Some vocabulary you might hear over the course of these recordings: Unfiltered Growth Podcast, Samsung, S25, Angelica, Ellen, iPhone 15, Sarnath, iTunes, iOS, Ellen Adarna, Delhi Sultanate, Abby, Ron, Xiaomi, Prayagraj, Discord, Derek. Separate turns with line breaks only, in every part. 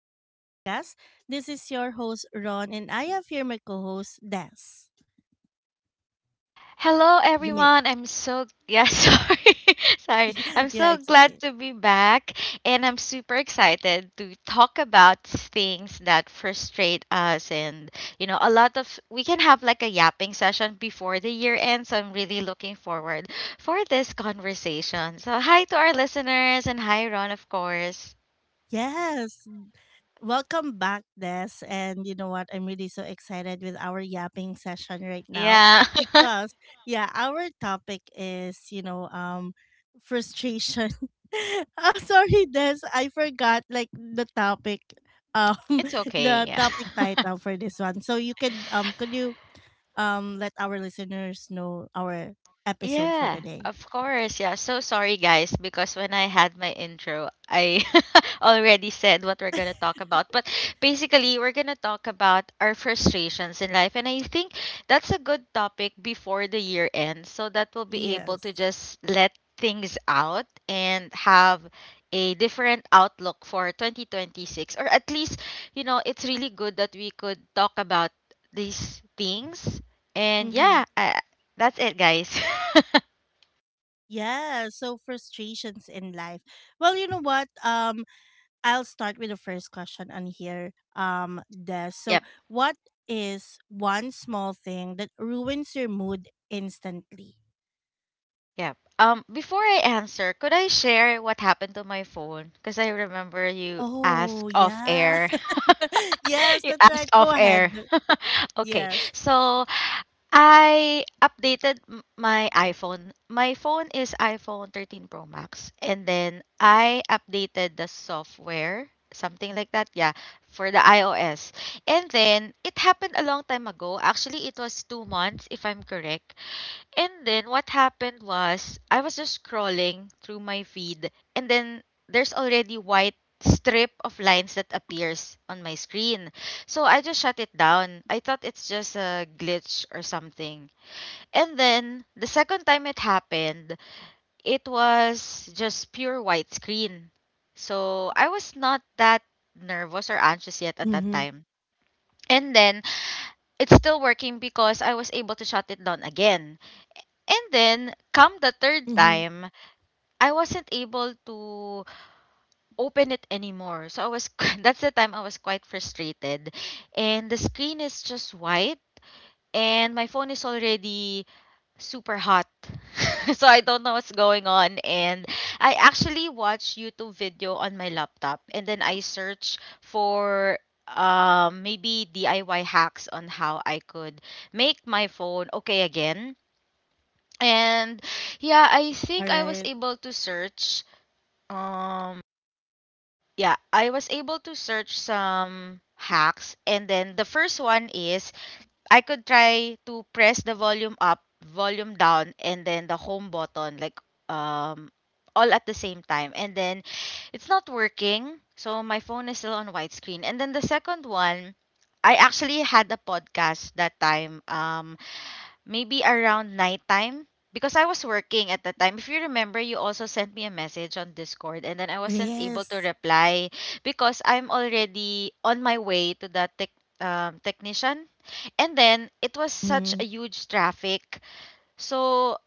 Growth Podcast. This is your host, Ron, and I have here my co host, Des.
Hello
You may,
everyone. Sorry. I'm
yeah,
so
it's
glad
okay.
to be back, and I'm super excited to talk about things that frustrate us and, you know, a lot of we can have like a yapping session before the year ends. So I'm really looking forward for this conversation. So hi to our listeners and hi Ron of course.
Yes. Welcome back, Des. And you know what? I'm really so excited with our yapping session right now
Yeah.
because, yeah, our topic is, you know, frustration. Oh, sorry, Des. I forgot, like, the topic. Um,
It's okay.
the
Yeah.
topic title for this one. So you could you let our listeners know our episode for
Yeah,
today.
of course. Yeah, so sorry guys, because when I had my intro, I already said what we're going to talk about. But basically, we're going to talk about our frustrations in life, and I think that's a good topic before the year ends so that we'll be able
Yes.
to just let things out and have a different outlook for 2026, or at least, you know, it's really good that we could talk about these things. And
Mm-hmm.
yeah, that's it, guys.
Yeah. So frustrations in life. Well, you know what? I'll start with the first question on here. Des. So,
Yep.
what is one small thing that ruins your mood instantly?
Yeah. Before I answer, could I share what happened to my phone? Because I remember you
Oh,
asked off
yeah.
air.
Yes,
You
that's
asked
right. Go
off
ahead.
air. Okay.
Yes.
So I updated my iPhone. My phone is iPhone 13 Pro Max. And then I updated the software, something like that. Yeah, for the iOS. And then it happened a long time ago. Actually, it was 2 months, if I'm correct. And then what happened was I was just scrolling through my feed, and then there's already white strip of lines that appears on my screen. So I just shut it down. I thought it's just a glitch or something. And then the second time it happened, it was just pure white screen. So I was not that nervous or anxious yet at that
Mhm.
time. And then it's still working because I was able to shut it down again. And then come the third
Mhm.
time, I wasn't able to open it anymore. So I was that's the time I was quite frustrated. And the screen is just white, and my phone is already super hot. So I don't know what's going on, and I actually watch YouTube video on my laptop, and then I search for maybe DIY hacks on how I could make my phone okay again. And yeah,
All
I was
right.
able to search um yeah, I was able to search some hacks. And then the first one is, I could try to press the volume up, volume down, and then the home button, like um all at the same time. And then it's not working, so my phone is still on widescreen. And then the second one, I actually had a podcast that time, maybe around nighttime, because I was working at the time. If you remember, you also sent me a message on Discord, and then I wasn't able to
Yes.
reply because I'm already on my way to the technician. And then it was such a
Mhm.
huge traffic, so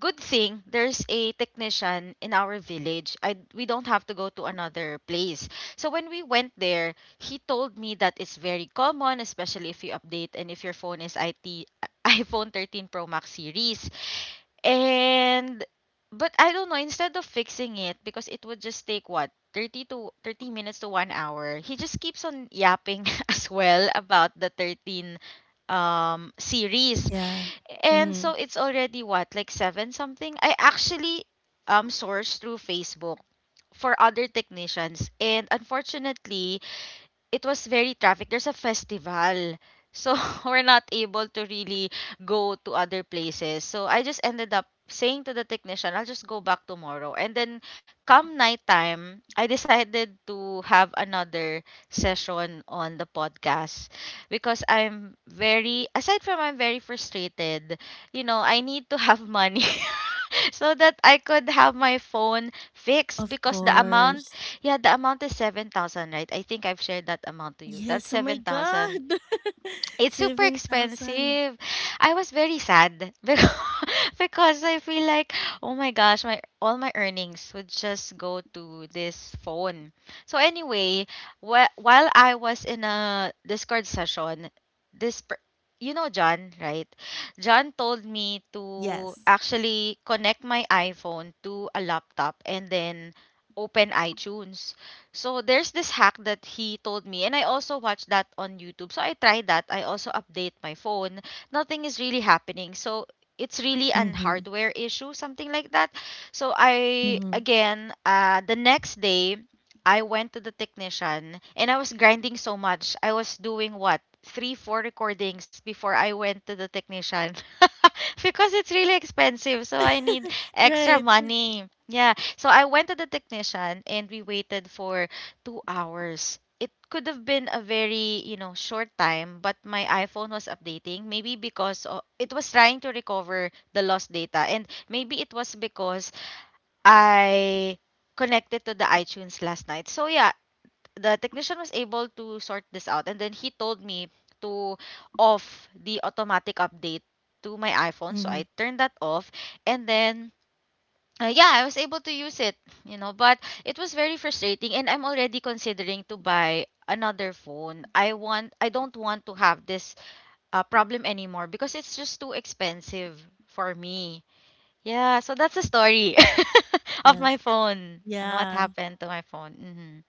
good thing there's a technician in our village. I We don't have to go to another place. So when we went there, he told me that it's very common, especially if you update and if your phone is IT iPhone 13 Pro Max series. And but I don't know, instead of fixing it, because it would just take what, 30 to 30 minutes to 1 hour. He just keeps on yapping as well about the 13 series.
Yeah.
And
Mhm.
so it's already what, like seven something? I actually sourced through Facebook for other technicians. And unfortunately, it was very traffic. There's a festival. So we're not able to really go to other places. So I just ended up saying to the technician, I'll just go back tomorrow. And then come nighttime, I decided to have another session on the podcast, because aside from I'm very frustrated, you know, I need to have money. So that I could have my phone fixed,
Of
because the amount,
course.
yeah, the amount is 7,000, right? I think I've shared that amount to you. That's
Yes. Oh my
7,000.
God.
It's super
7,000.
expensive. I was very sad because I feel like, oh my gosh, my all my earnings would just go to this phone. So anyway, while I was in a Discord session, this per- you know John, right? John told me to
Yes.
actually connect my iPhone to a laptop and then open iTunes. So there's this hack that he told me, and I also watched that on YouTube. So I tried that. I also update my phone. Nothing is really happening. So it's really an
Mhm.
hardware issue, something like that. So I
Mhm.
again, the next day, I went to the technician, and I was grinding so much. I was doing what, three, four recordings before I went to the technician. Because it's really expensive, so I need
Right.
extra money. Yeah, so I went to the technician, and we waited for 2 hours. It could have been a very, you know, short time, but my iPhone was updating. Maybe because it was trying to recover the lost data. And maybe it was because I connected to the iTunes last night. So, yeah, the technician was able to sort this out. And then he told me to off the automatic update to my iPhone. So,
Mhm.
I turned that off. And then yeah, I was able to use it, you know, but it was very frustrating, and I'm already considering to buy another phone. I don't want to have this problem anymore, because it's just too expensive for me. Yeah, so that's the story of
Yes.
my phone and what
Yeah.
happened to my phone. Hmm.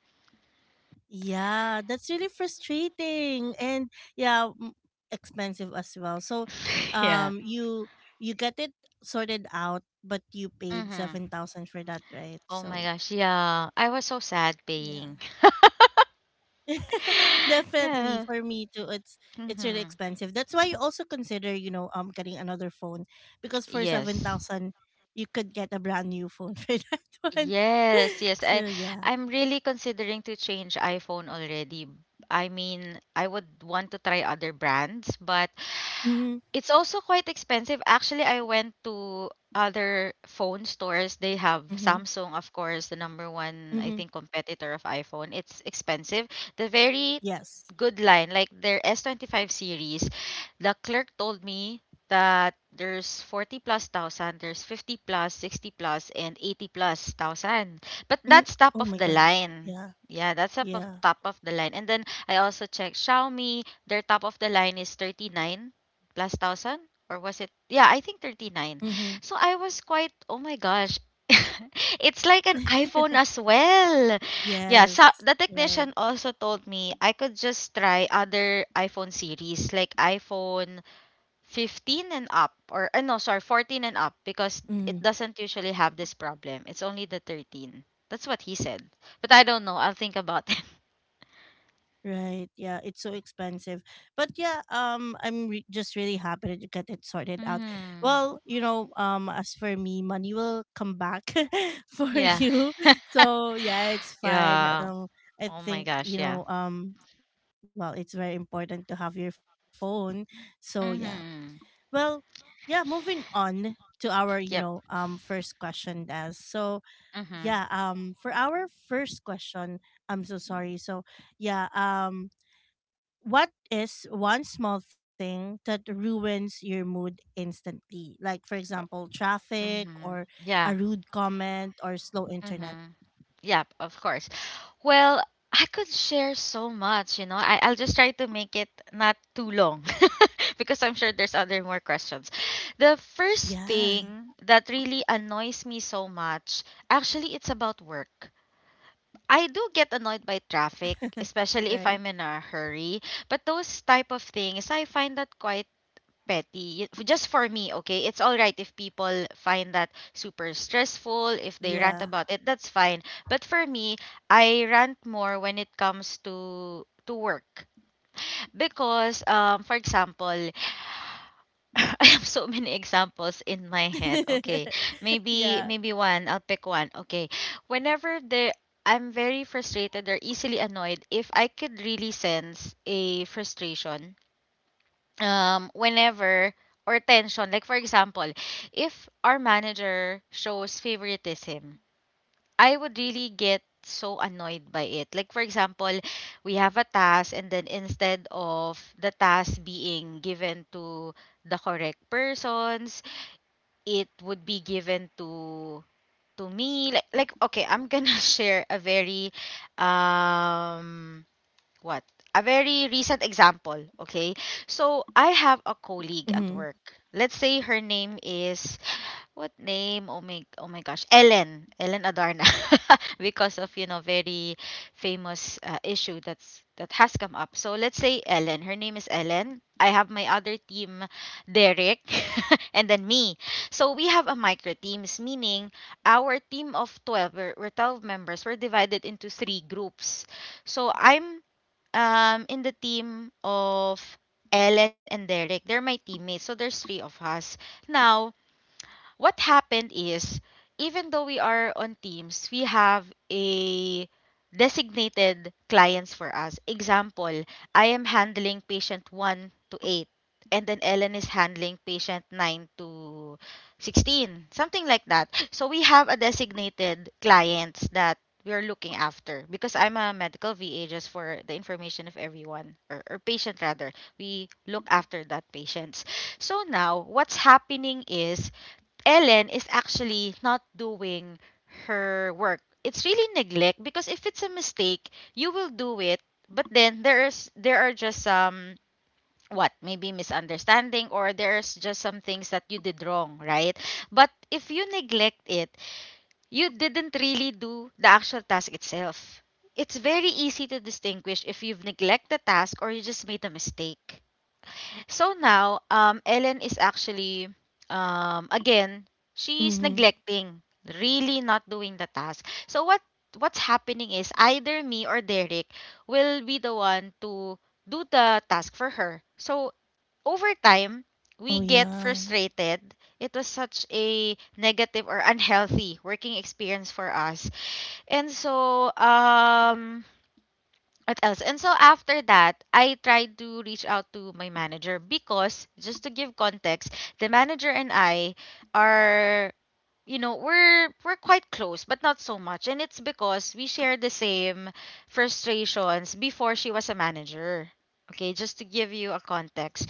Yeah, that's really frustrating and yeah, expensive as well. So,
Yeah.
um, you you get it sorted out, but you paid
Hmm.
7,000 for that, right?
Oh my
So
gosh, yeah. I was so sad
yeah,
paying.
definitely
Yeah.
for me too. It's really
Hmm.
expensive. That's why you also consider, getting another phone, because for seven
Yes.
thousand you could get a brand new phone for that one.
Yes, yes.
So yeah.
I'm really considering to change iPhone already. I mean, I would want to try other brands, but
Mm-hmm,
it's also quite expensive. Actually, I went to other phone stores. They have
mm-hmm,
Samsung, of course, the number one, I
mm-hmm.
think, competitor of iPhone. It's expensive. The very
Yes.
good line, like their S25 series, the clerk told me that there's 40 plus thousand, there's 50 plus, 60 plus, and 80 plus thousand. But
Mm,
that's top of
oh my
the
god.
line.
Yeah.
Yeah, that's up of
Yeah.
top of the line. And then I also checked Xiaomi, their top of the line is 39 plus thousand, or was it, yeah I think 39.
Mm-hmm.
So I was quite, oh my gosh, it's like an iphone as well. Yeah, so
Yes.
the
Right.
technician also told me I could just try other iphone series, like iphone 15 and up, or no sorry, 14 and up, because it
Mm.
doesn't usually have this problem, it's only the 13, that's what he said. But I don't know, I'll think about it.
Right. Yeah, it's so expensive. But yeah, just really happy that you get it sorted out.
Hmm.
Well, you know, as for me, money will come back for
Yeah.
you. So, yeah, it's fine.
Yeah,
I
oh
think,
my gosh,
you
yeah.
know, well, it's very important to have your phone. So, yeah.
Hmm.
Well, yeah, moving on to our, you
Yep.
know, first question, Des. So,
Mhm.
yeah, for our first question, I'm so sorry. So yeah, what is one small thing that ruins your mood instantly, like for example traffic
Mhm.
or a
Yeah.
rude comment or slow internet?
Mhm. Yep, of course. Well, I could share so much, you know. I'll just try to make it not too long because I'm sure there's other more questions. The first
Yeah.
thing that really annoys me so much, actually, it's about work. I do get annoyed by traffic, especially if I'm in
Right.
a hurry, but those type of things, I find that quite petty. Just for me, okay? It's all right if people find that super stressful, if they rant about
Yeah.
it, that's fine. But for me, I rant more when it comes to work. Because for example, I have so many examples in my head, okay? Maybe
Yeah.
one, I'll pick one, okay? Whenever there I'm very frustrated or easily annoyed, if I could really sense a frustration, whenever, or tension, like for example, if our manager shows favoritism, I would really get so annoyed by it. Like for example, we have a task, and then instead of the task being given to the correct persons, it would be given to me. Like okay, I'm gonna share a very um what a very recent example, okay? So I have a colleague at
Mm-hmm.
work, let's say her name is, what name, oh my, oh my gosh, Ellen, Ellen Adarna because of, you know, very famous issue that has come up. So let's say Ellen, her name is Ellen. I have my other team, Derek, and then me. So we have a micro teams, meaning our team of 12, we're 12 members, we're divided into three groups. So I'm in the team of Ellen and Derek. They're my teammates. So there's three of us. Now, what happened is, even though we are on teams, we have a designated clients for us. Example, I am handling patient 1 to 8, and then Ellen is handling patient 9 to 16, something like that. So we have a designated clients that we're looking after because I'm a medical VA, just for the information of everyone or patient rather. We look after that patients. So now what's happening is Ellen is actually not doing her work. It's really neglect because if it's a mistake, you will do it. But then there are just some what maybe misunderstanding or there's just some things that you did wrong, right? But if you neglect it, you didn't really do the actual task itself. It's very easy to distinguish if you've neglected the task or you just made a mistake. So now, Ellen is actually, again, she's
Mm-hmm.
neglecting, really not doing the task. So what's happening is either me or Derek will be the one to do the task for her. So over time,
Oh
we get
yeah.
frustrated. It was such a negative or unhealthy working experience for us. And so, what else? And so after that, I tried to reach out to my manager because just to give context, the manager and I are, you know, we're quite close, but not so much. And it's because we share the same frustrations before she was a manager. Okay, just to give you a context,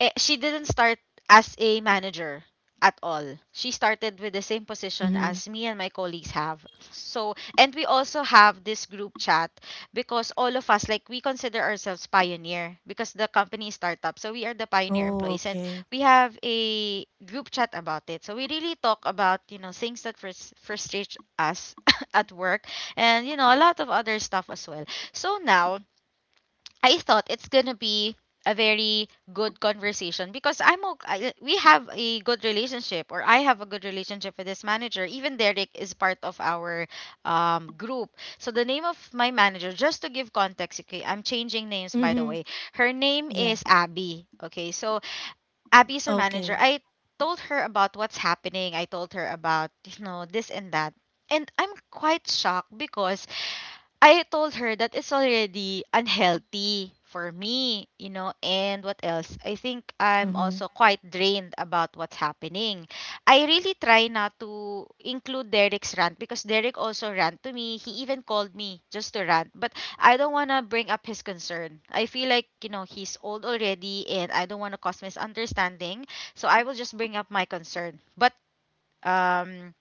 she didn't start as a manager at all. She started with the same position
Mm-hmm.
as me and my colleagues have. So, and we also have this group chat because all of us, like, we consider ourselves pioneer because the company is startup. So, we are the pioneer
Oh,
employees and
okay.
we have a group chat about it. So, we really talk about, you know, things that frustrate us at work and, you know, a lot of other stuff as well. So, now I thought it's gonna be a very good conversation because I'm okay. We have a good relationship, or I have a good relationship with this manager. Even Derek is part of our group. So the name of my manager, just to give context, okay, I'm changing names by
Mm-hmm.
the way. Her name
Yeah,
is Abby. Okay, so Abby is her
okay.
manager. I told her about what's happening. I told her about, you know, this and that. And I'm quite shocked because I told her that it's already unhealthy for me, you know, and what else? I think I'm
Mm-hmm.
also quite drained about what's happening. I really try not to include Derek's rant because Derek also rant to me. He even called me just to rant, but I don't want to bring up his concern. I feel like, you know, he's old already and I don't want to cause misunderstanding, so I will just bring up my concern. But um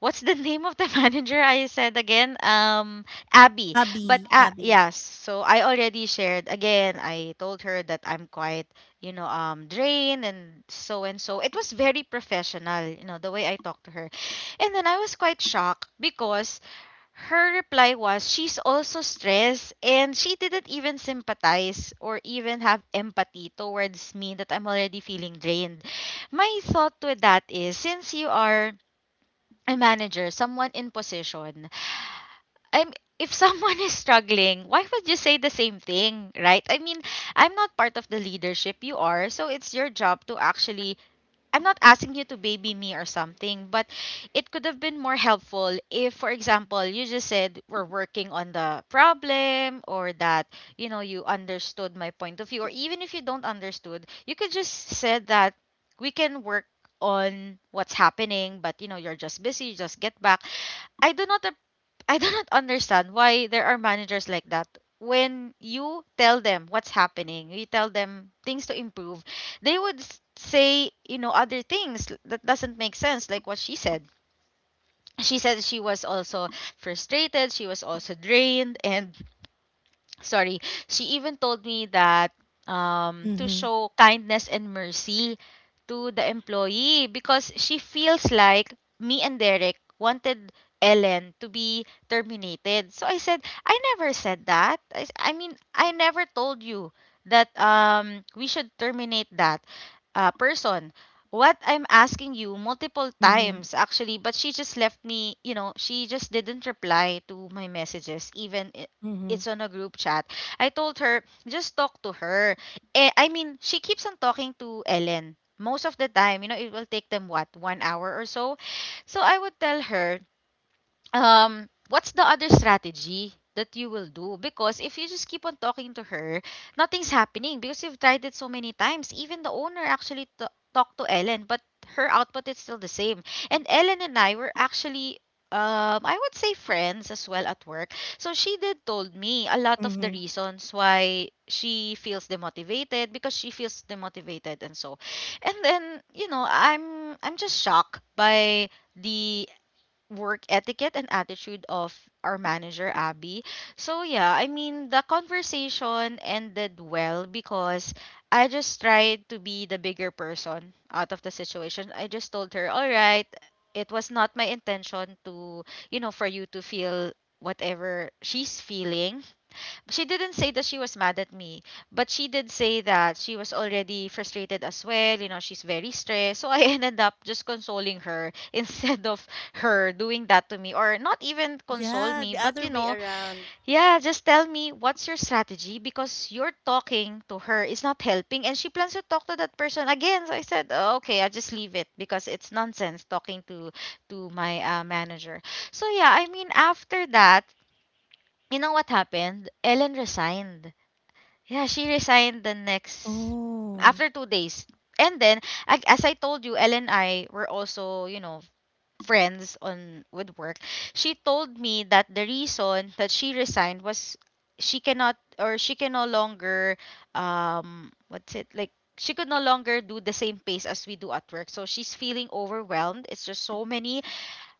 what's the name of the manager I said again? Abby. But
Abby, Abby.
yes, so I already shared again. I told her that I'm quite, you know, drained and so and so. It was very professional, you know, the way I talked to her. And then I was quite shocked because her reply was she's also stressed and she didn't even sympathize or even have empathy towards me that I'm already feeling drained. My thought with that is since you are a manager, someone in position, I'm if someone is struggling, why would you say the same thing, right? I mean, I'm not part of the leadership you are, so it's your job to actually I'm not asking you to baby me or something, but it could have been more helpful if, for example, you just said we're working on the problem or that, you know, you understood my point of view or even if you don't understood, you could just said that we can work on what's happening, but you know you're just busy just get back. I do not ap- I do not understand why there are managers like that. When you tell them what's happening, you tell them things to improve, they would say, you know, other things that doesn't make sense like what she said. She said she was also frustrated, she was also drained and sorry, she even told me that, to
Mm-hmm.
show kindness and mercy to the employee because she feels like me and Derek wanted Ellen to be terminated. So I said, I never said that. I mean, I never told you that we should terminate that person. What I'm asking you multiple
Mm-hmm.
times actually, but she just left me, you know, she just didn't reply to my messages even
Mm-hmm.
it's on a group chat. I told her, just talk to her. I mean, she keeps on talking to Ellen. Most of the time, you know, it will take them what, 1 hour or so. So I would tell her, what's the other strategy that you will do, because if you just keep on talking to her nothing's happening because you've tried it so many times. Even the owner actually talked to Ellen but her output is still the same. And Ellen and I were actually, I would say friends as well at work, so she did told me a lot of the
Mhm.
reasons why she feels demotivated because she feels demotivated and so. And then, you know, I'm just shocked by the work etiquette and attitude of our manager Abby. So yeah, I mean the conversation ended well because I just tried to be the bigger person out of the situation. I just told her, "All right, it was not my intention to, you know, for you to feel whatever." She's feeling, she didn't say that she was mad at me, but she did say that she was already frustrated as well. You know, she's very stressed. So I ended up just consoling her instead of her doing that to me, or not even console
Yeah,
me,
the
but
other
you
way
know,
around.
yeah, just tell me what's your strategy because you're talking to her is not helping, and she plans to talk to that person again. So I said, oh, okay, I just leave it because it's nonsense talking to my manager. So yeah, I mean, after that, you know what happened? Ellen resigned. Yeah, she resigned the next
Oh.
after 2 days. And then, as I told you, Elle and I were also, you know, friends on with work. She told me that the reason that she resigned was she cannot or she can no longer what's it like she could no longer do the same pace as we do at work. So she's feeling overwhelmed. It's just so many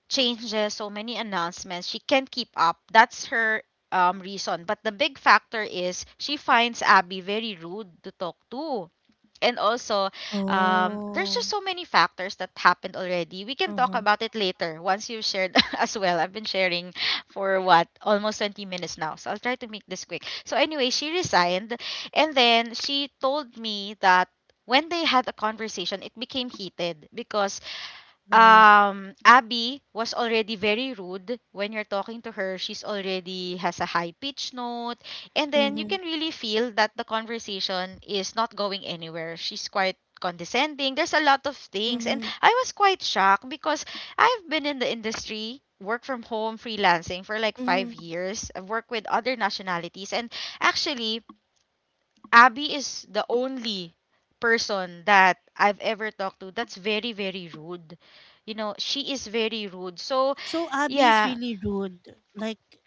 changes, so many announcements. She can't keep up. That's her reason. But the big factor is she finds Abby very rude to talk to. And also, there's
Oh.
just so many factors that happened already. We can talk
Uh-huh.
about it later once you've shared as well. I've been sharing for what? Almost 20 minutes now. So I'll try to make this quick. So, anyway, she resigned. And then she told me that when they had a conversation, it became heated because
Right.
Abby was already very rude when you're talking to her. She's already has a high pitch note and then you
Mm-hmm.
can really feel that the conversation is not going anywhere. She's quite condescending. There's a lot of things and
Mm-hmm.
I was quite shocked because I've been in the industry work from home freelancing for like
Mm-hmm.
5 years. I've worked with other nationalities and actually Abby is the only person that I've ever talked to that's very, very rude. You know, she is very rude. So,
So Abby is
yeah,
really rude. Like,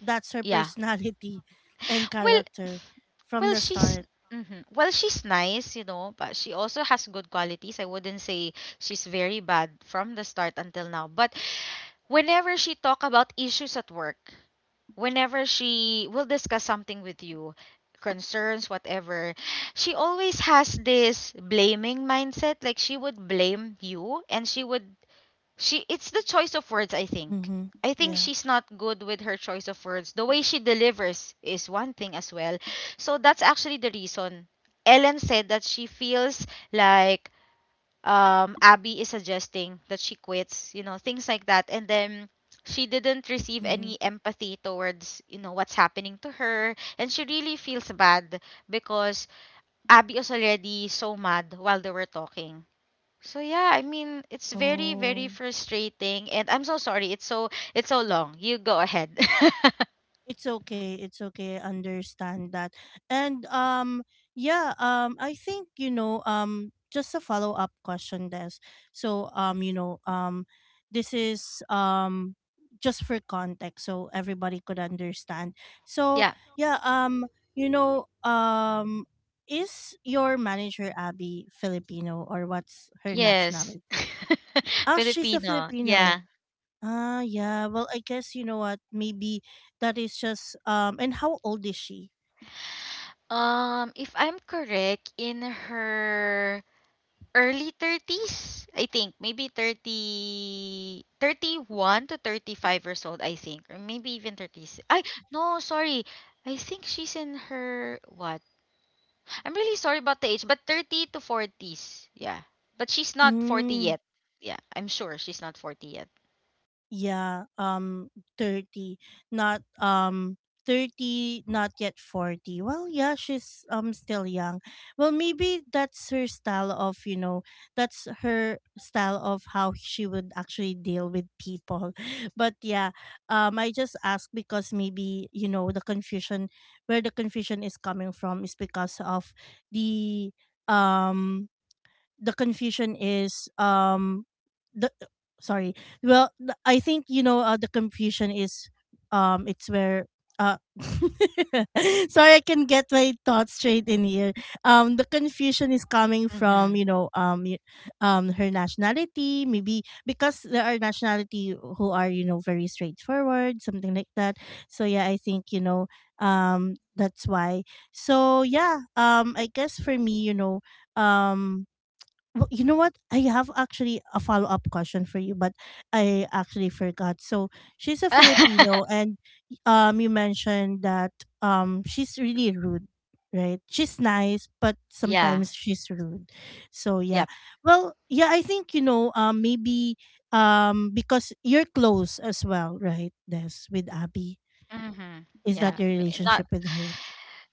that's her
yeah.
personality and
Well,
character from
well,
the
she's
start.
mhm. Well, she's nice, you know, but she also has good qualities. I wouldn't say she's very bad from the start until now. But whenever she talk about issues at work, whenever she will discuss something with you, concerns, whatever, she always has this blaming mindset. Like she would blame you and she would, she, it's the choice of words, I think.
Mm-hmm.
I think
Yeah.
she's not good with her choice of words. The way she delivers is one thing as well. So that's actually the reason. Ellen said that she feels like Abby is suggesting that she quits, you know, things like that. And then she didn't receive
Mm-hmm.
any empathy towards, you know, what's happening to her. And she really feels bad because Abby was already so mad while they were talking. So yeah, I mean it's very, very
Oh.
frustrating and I'm so sorry. It's so long. You go ahead.
It's okay. It's okay. I understand that. And yeah, I think, just a follow-up question, this. So this is just for context so everybody could understand. So
Yeah.
yeah, you know um is your manager Abby Filipino, or what's her
Yes.
nationality? Oh, she's a
Filipino.
Filipino.
Yeah.
Ah, yeah. Well, I guess you know what? Maybe that is just. And how old is she?
If I'm correct, in her early 30s, I think. Maybe 30, 31 to 35 years old, I think. Or maybe even 36. No, sorry. I think she's in her, what? I'm really sorry about the age, but 30 to 40s. Yeah. But she's not 40
Mm.
yet. Yeah, I'm sure she's not 40 yet.
Yeah, 30, not 30, not yet 40. Well, yeah, she's still young. Well, maybe that's her style of, you know, that's her style of how she would actually deal with people. But yeah, I just ask because maybe, you know, the confusion, where the confusion is coming from is because of the um the confusion is the sorry. I think, you know, the confusion is, it's where, uh sorry, I can get my thoughts straight in here. The confusion is coming from,
Mm-hmm.
you know, her nationality, maybe, because there are nationality who are, you know, very straightforward, something like that. So yeah, I think, you know, that's why. So yeah, I guess for me, you know, um well, you know what? I have actually a follow up question for you, but I actually forgot. So she's a Filipino, and you mentioned that, she's really rude, right? She's nice, but
Yeah.
sometimes she's rude. So yeah,
Yep.
well, yeah, I think, you know, maybe, because you're close as well, right? This with Abby,
Mm-hmm.
is that
Yeah.
your
Not
relationship with her?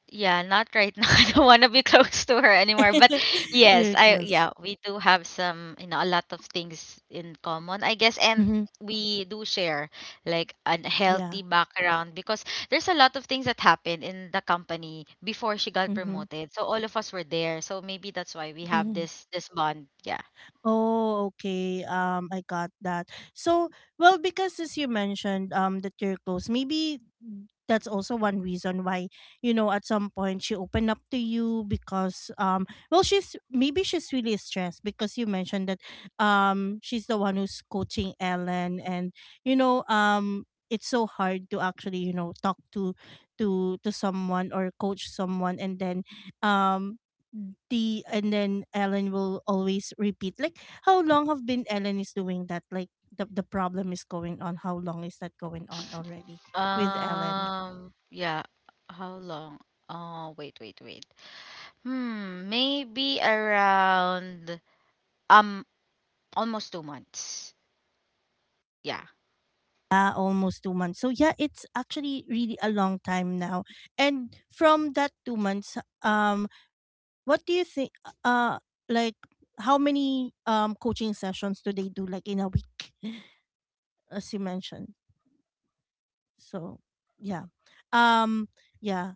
yeah, not right now. I don't want to be close to her anymore. But yes,
You're
I
close.
yeah, we do have some, you know, a lot of things in common, I guess, and
Mm-hmm.
we do share like a
Yeah.
healthy background because there's a lot of things that happened in the company before she got
Mm-hmm.
promoted. So all of us were there. So maybe that's why we have
Mm-hmm.
this bond. Yeah.
Oh, okay. I got that. So, well, because as you mentioned, that you're close, maybe that's also one reason why, you know, at some point she opened up to you because, well, she's maybe she's really stressed, because you mentioned that, she's the one who's coaching Ellen, and, you know, it's so hard to actually, you know, talk to, to someone, or coach someone, and then, um, the and then Ellen will always repeat, like, how long have been Ellen is doing that, like, the problem is going on, how long is that going on already with Ellen?
Um, yeah. How long? Oh, wait, wait, wait. Hmm, maybe around um Almost 2 months. Yeah.
Yeah, almost 2 months. So yeah, it's actually really a long time now. And from that 2 months, what do you think, uh like, how many coaching sessions do they do, like, in a week, as you mentioned? So yeah. Um yeah.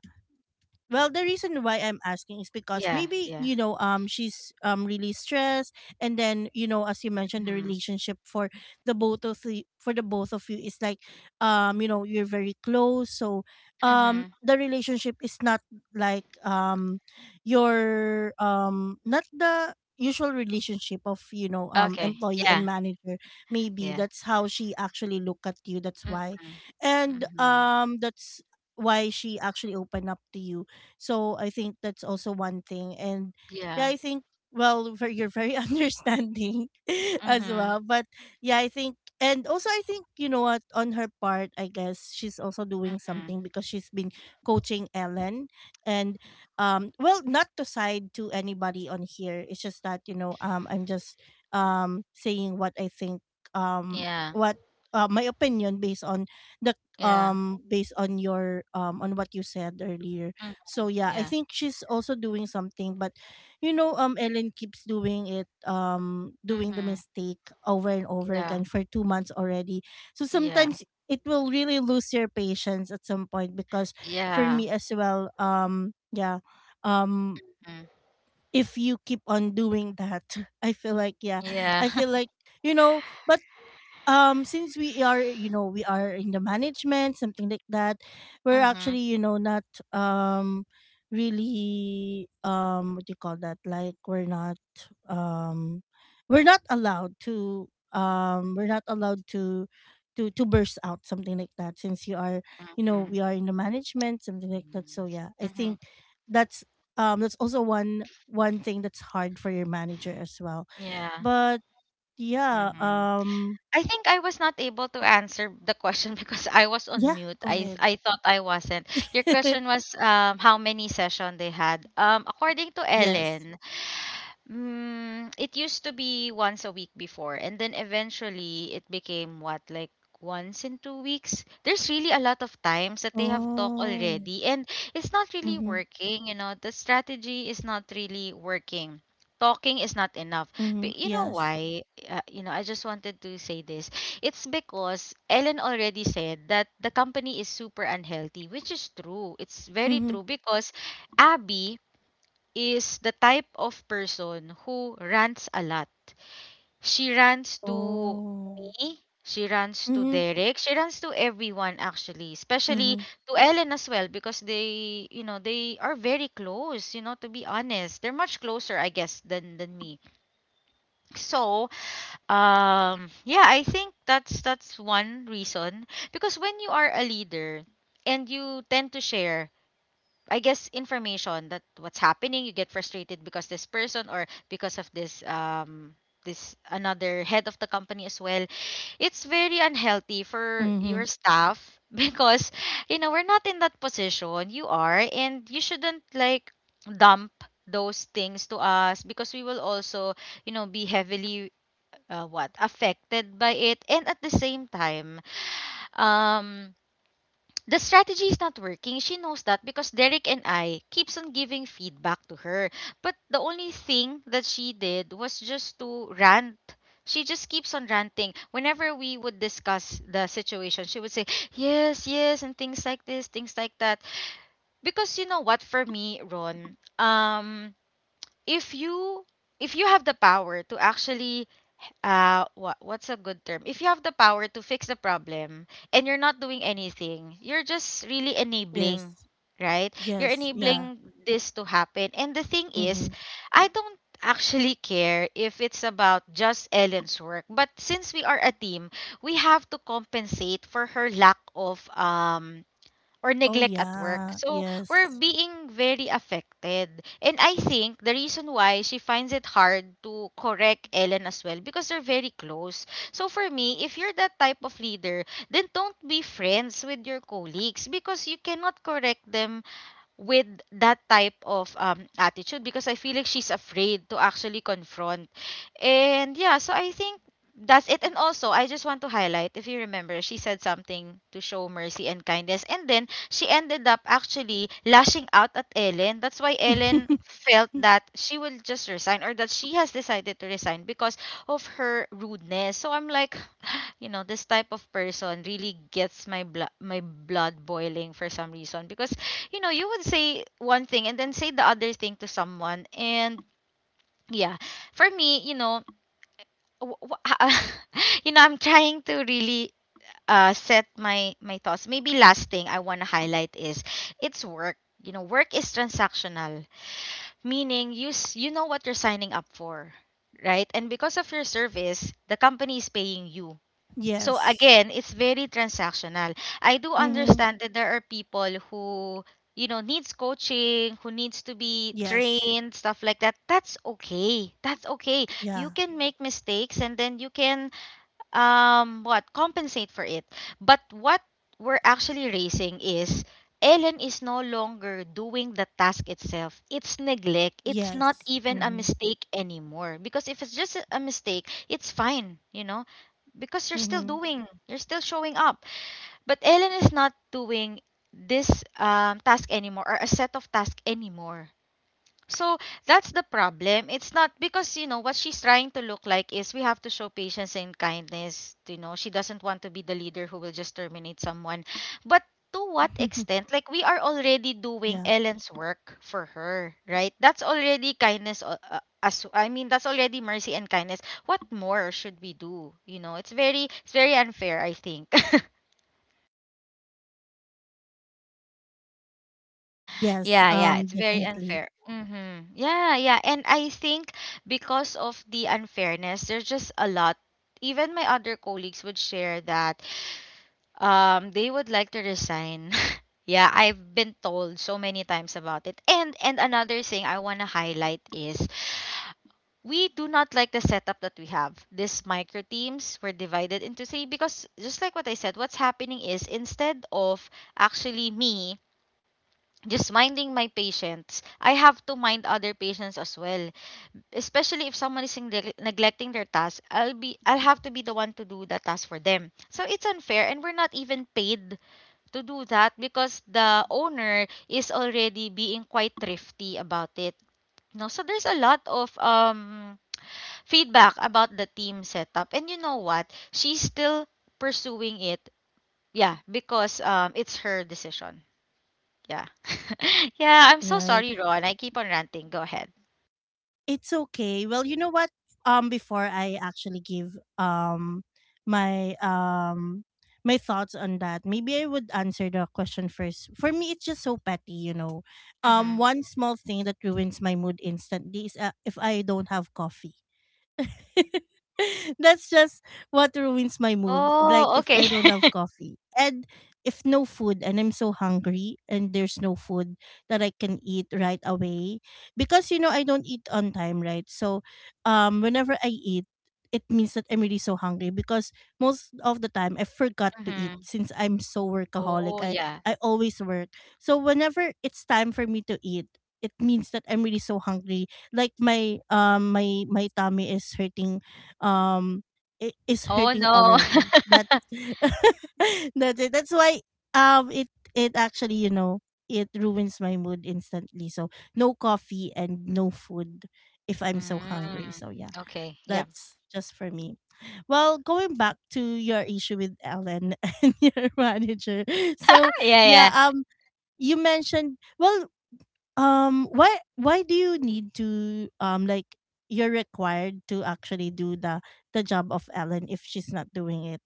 Well, the reason why I'm asking is because
Yeah,
maybe,
yeah.
you know, she's, really stressed, and then, you know, as you mentioned, the
Mhm,
relationship for the both of the for the both of you is like, you know, you're very close. So,
mhm.
the relationship is not like, your not the usual relationship of, you know,
Okay,
employee and
yeah,
manager. Maybe
yeah.
that's how she actually look at you, that's why.
Mhm,
And
mhm.
that's why she actually opened up to you. So I think that's also one thing. And yeah,
Yeah.
I think, you're very understanding as
Mhm,
well. But yeah, I think, you know what, on her part, I guess she's also doing
mhm.
something because she's been coaching Ellen, and well, not to side to anybody on here. It's just that, you know, I'm just saying what I think. Um
Yeah,
what My opinion based on the
yeah.
based on your on what you said earlier.
Mm,
So yeah, I
yeah.
think she's also doing something, but, you know, Ellen keeps doing it, doing the
Mhm.
mistake over and over
Yeah,
again for 2 months already. So
yeah,
sometimes it will really lose your patience at some point, because for
yeah.
me as well, yeah, um,
Mm,
if you keep on doing that, I feel like, yeah,
yeah.
I feel like you know. But since we are, you know, we are in the management, something like that, we're actually,
Mhm,
you know, not um really, what do you call that, like, we're not um we're not allowed to we're not allowed to to burst out something like that, since you are, you know,
mm,
we are in the management, something like that. So yeah, I
mhm.
think that's, that's also one thing that's hard for your manager as well.
Yeah,
But yeah,
mhm. I think I was not able to answer the question because I was on
yeah,
mute.
go
I
ahead.
I thought I wasn't. Your question was how many session they had. According to
Yes.
Ellen, it used to be once a week before, and then eventually it became what, like once in 2 weeks? There's really a lot of times that they have talked
Oh.
already, and it's not really
Mhm.
working, you know, the strategy is not really working. Talking is not enough. But
Mhm.
you know
Yes.
why? You know, I just wanted to say this. It's because Ellen already said that the company is super unhealthy, which is true. It's very
Mhm.
true because Abby is the type of person who rants a lot. She rants to
Oh.
me. She runs to
Mhm.
Derek. She runs to everyone actually, especially
Mhm.
to Ellen as well because they, you know, they are very close, you know, to be honest. They're much closer, I guess, than me. So, yeah, I think that's one reason because when you are a leader and you tend to share I guess information that what's happening, you get frustrated because this person or because of this this another head of the company as well. It's very unhealthy for
Mhm.
your staff because you know we're not in that position. You are and you shouldn't like dump those things to us because we will also, you know, be heavily what affected by it, and at the same time um the strategy is not working. She knows that because Derek and I keeps on giving feedback to her. But the only thing that she did was just to rant. She just keeps on ranting. Whenever we would discuss the situation, she would say, "Yes, yes," and things like this, things like that. Because you know what, for me, Ron, if you if you have the power to actually what's a good term? If you have the power to fix the problem and you're not doing anything, you're just really enabling,
Yes.
right? You're
Yes. Yeah.
enabling this to happen. And the thing is,
Mhm.
I don't actually care if it's about just Ellen's work, but since we are a team, we have to compensate for her lack of or
Oh
neglect at work.
yeah.
So we're
Yes.
being very affected. And I think the reason why she finds it hard to correct Ellen as well because they're very close. So for me, if you're that type of leader, then don't be friends with your colleagues because you cannot correct them with that type of attitude because I feel like she's afraid to actually confront. And yeah, so I think that's it. And also, I just want to highlight if you remember, she said something to show mercy and kindness. And then she ended up actually lashing out at Ellen. That's why Ellen felt
Mm-hmm.
that she will just resign or that she has decided to resign because of her rudeness. So I'm like, you know, this type of person really gets my blood boiling for some reason because you know, you would say one thing and then say the other thing to someone. And yeah, for me, you know, w- w- you know, I'm trying to really set my thoughts. Maybe last thing I want to highlight is it's work. You know, work is transactional, meaning you know what you're signing up for, right? And because of your service, the company is paying you, so
Yes.
again, it's very transactional. I do
Mhm.
understand that there are people who, you know, needs coaching, who needs to be
Yes.
trained, stuff like that. That's okay. That's okay. You
Yeah.
can make mistakes, and then you can what compensate for it, but what we're actually raising is Ellen is no longer doing the task itself. It's neglect. It's not
Yes.
even a
Mhm.
mistake anymore. Because if it's just a mistake, it's fine, you know, because you're still
Mhm.
doing, you're still showing up. But Ellen is not doing this task anymore or a set of tasks anymore. So that's the problem. It's not because, you know, what she's trying to look like is we have to show patience and kindness. You know, she doesn't want to be the leader who will just terminate someone. But to what extent? Like, we are already doing
Yeah.
Ellen's work for her, right? That's already kindness. As, I mean, that's already mercy and kindness. What more should we do? You know, it's very unfair, I think.
Yes,
Yeah, yeah, it's very
definitely.
unfair. Mm-hmm. Yeah, yeah. And I think because of the unfairness, there's just a lot. Even my other colleagues would share that they would like to resign. yeah, I've been told so many times about it. And another thing I want to highlight is we do not like the setup that we have. These micro teams were divided into 3 because just like what I said, what's happening is instead of actually me just minding my patients, I have to mind other patients as well. Especially if someone is neglecting their task, I'll have to be the one to do the task for them. So it's unfair, and we're not even paid to do that because the owner is already being quite thrifty about it. No, so there's a lot of feedback about the team setup. And you know what? She's still pursuing it. Yeah, because it's her decision. Yeah. Yeah, I'm so
Right.
sorry, Ron. I keep on ranting. Go ahead.
It's okay. Well, you know what? Before I actually give my um my thoughts on that, maybe I would answer the question first. For me, it's just so petty, you know.
Mhm.
One small thing that ruins my mood instantly is, if I don't have coffee. That's just what ruins my mood. Like,
Oh,
if
okay.
I don't have coffee, and if no food and I'm so hungry and there's no food that I can eat right away, because you know I don't eat on time, right? So whenever I eat, it means that I'm really so hungry, because most of the time I forgot to eat,
Mhm.
since I'm so workaholic.
Oh,
I
yeah.
I always work. So whenever it's time for me to eat, it means that I'm really so hungry, like, my tummy is hurting, um is
Oh,
hurting
no.
already. That's that's it, that's why, um it it actually, you know, it ruins my mood instantly. So no coffee and no food if I'm so
Mm.
hungry. So yeah,
Okay. Yeah.
that's just for me. Well, going back to your issue with Ellen and your manager.
Ah,
So
yeah,
yeah,
yeah.
you mentioned, well, why do you need to, like, you're required to actually do the job of Ellen if she's not doing it?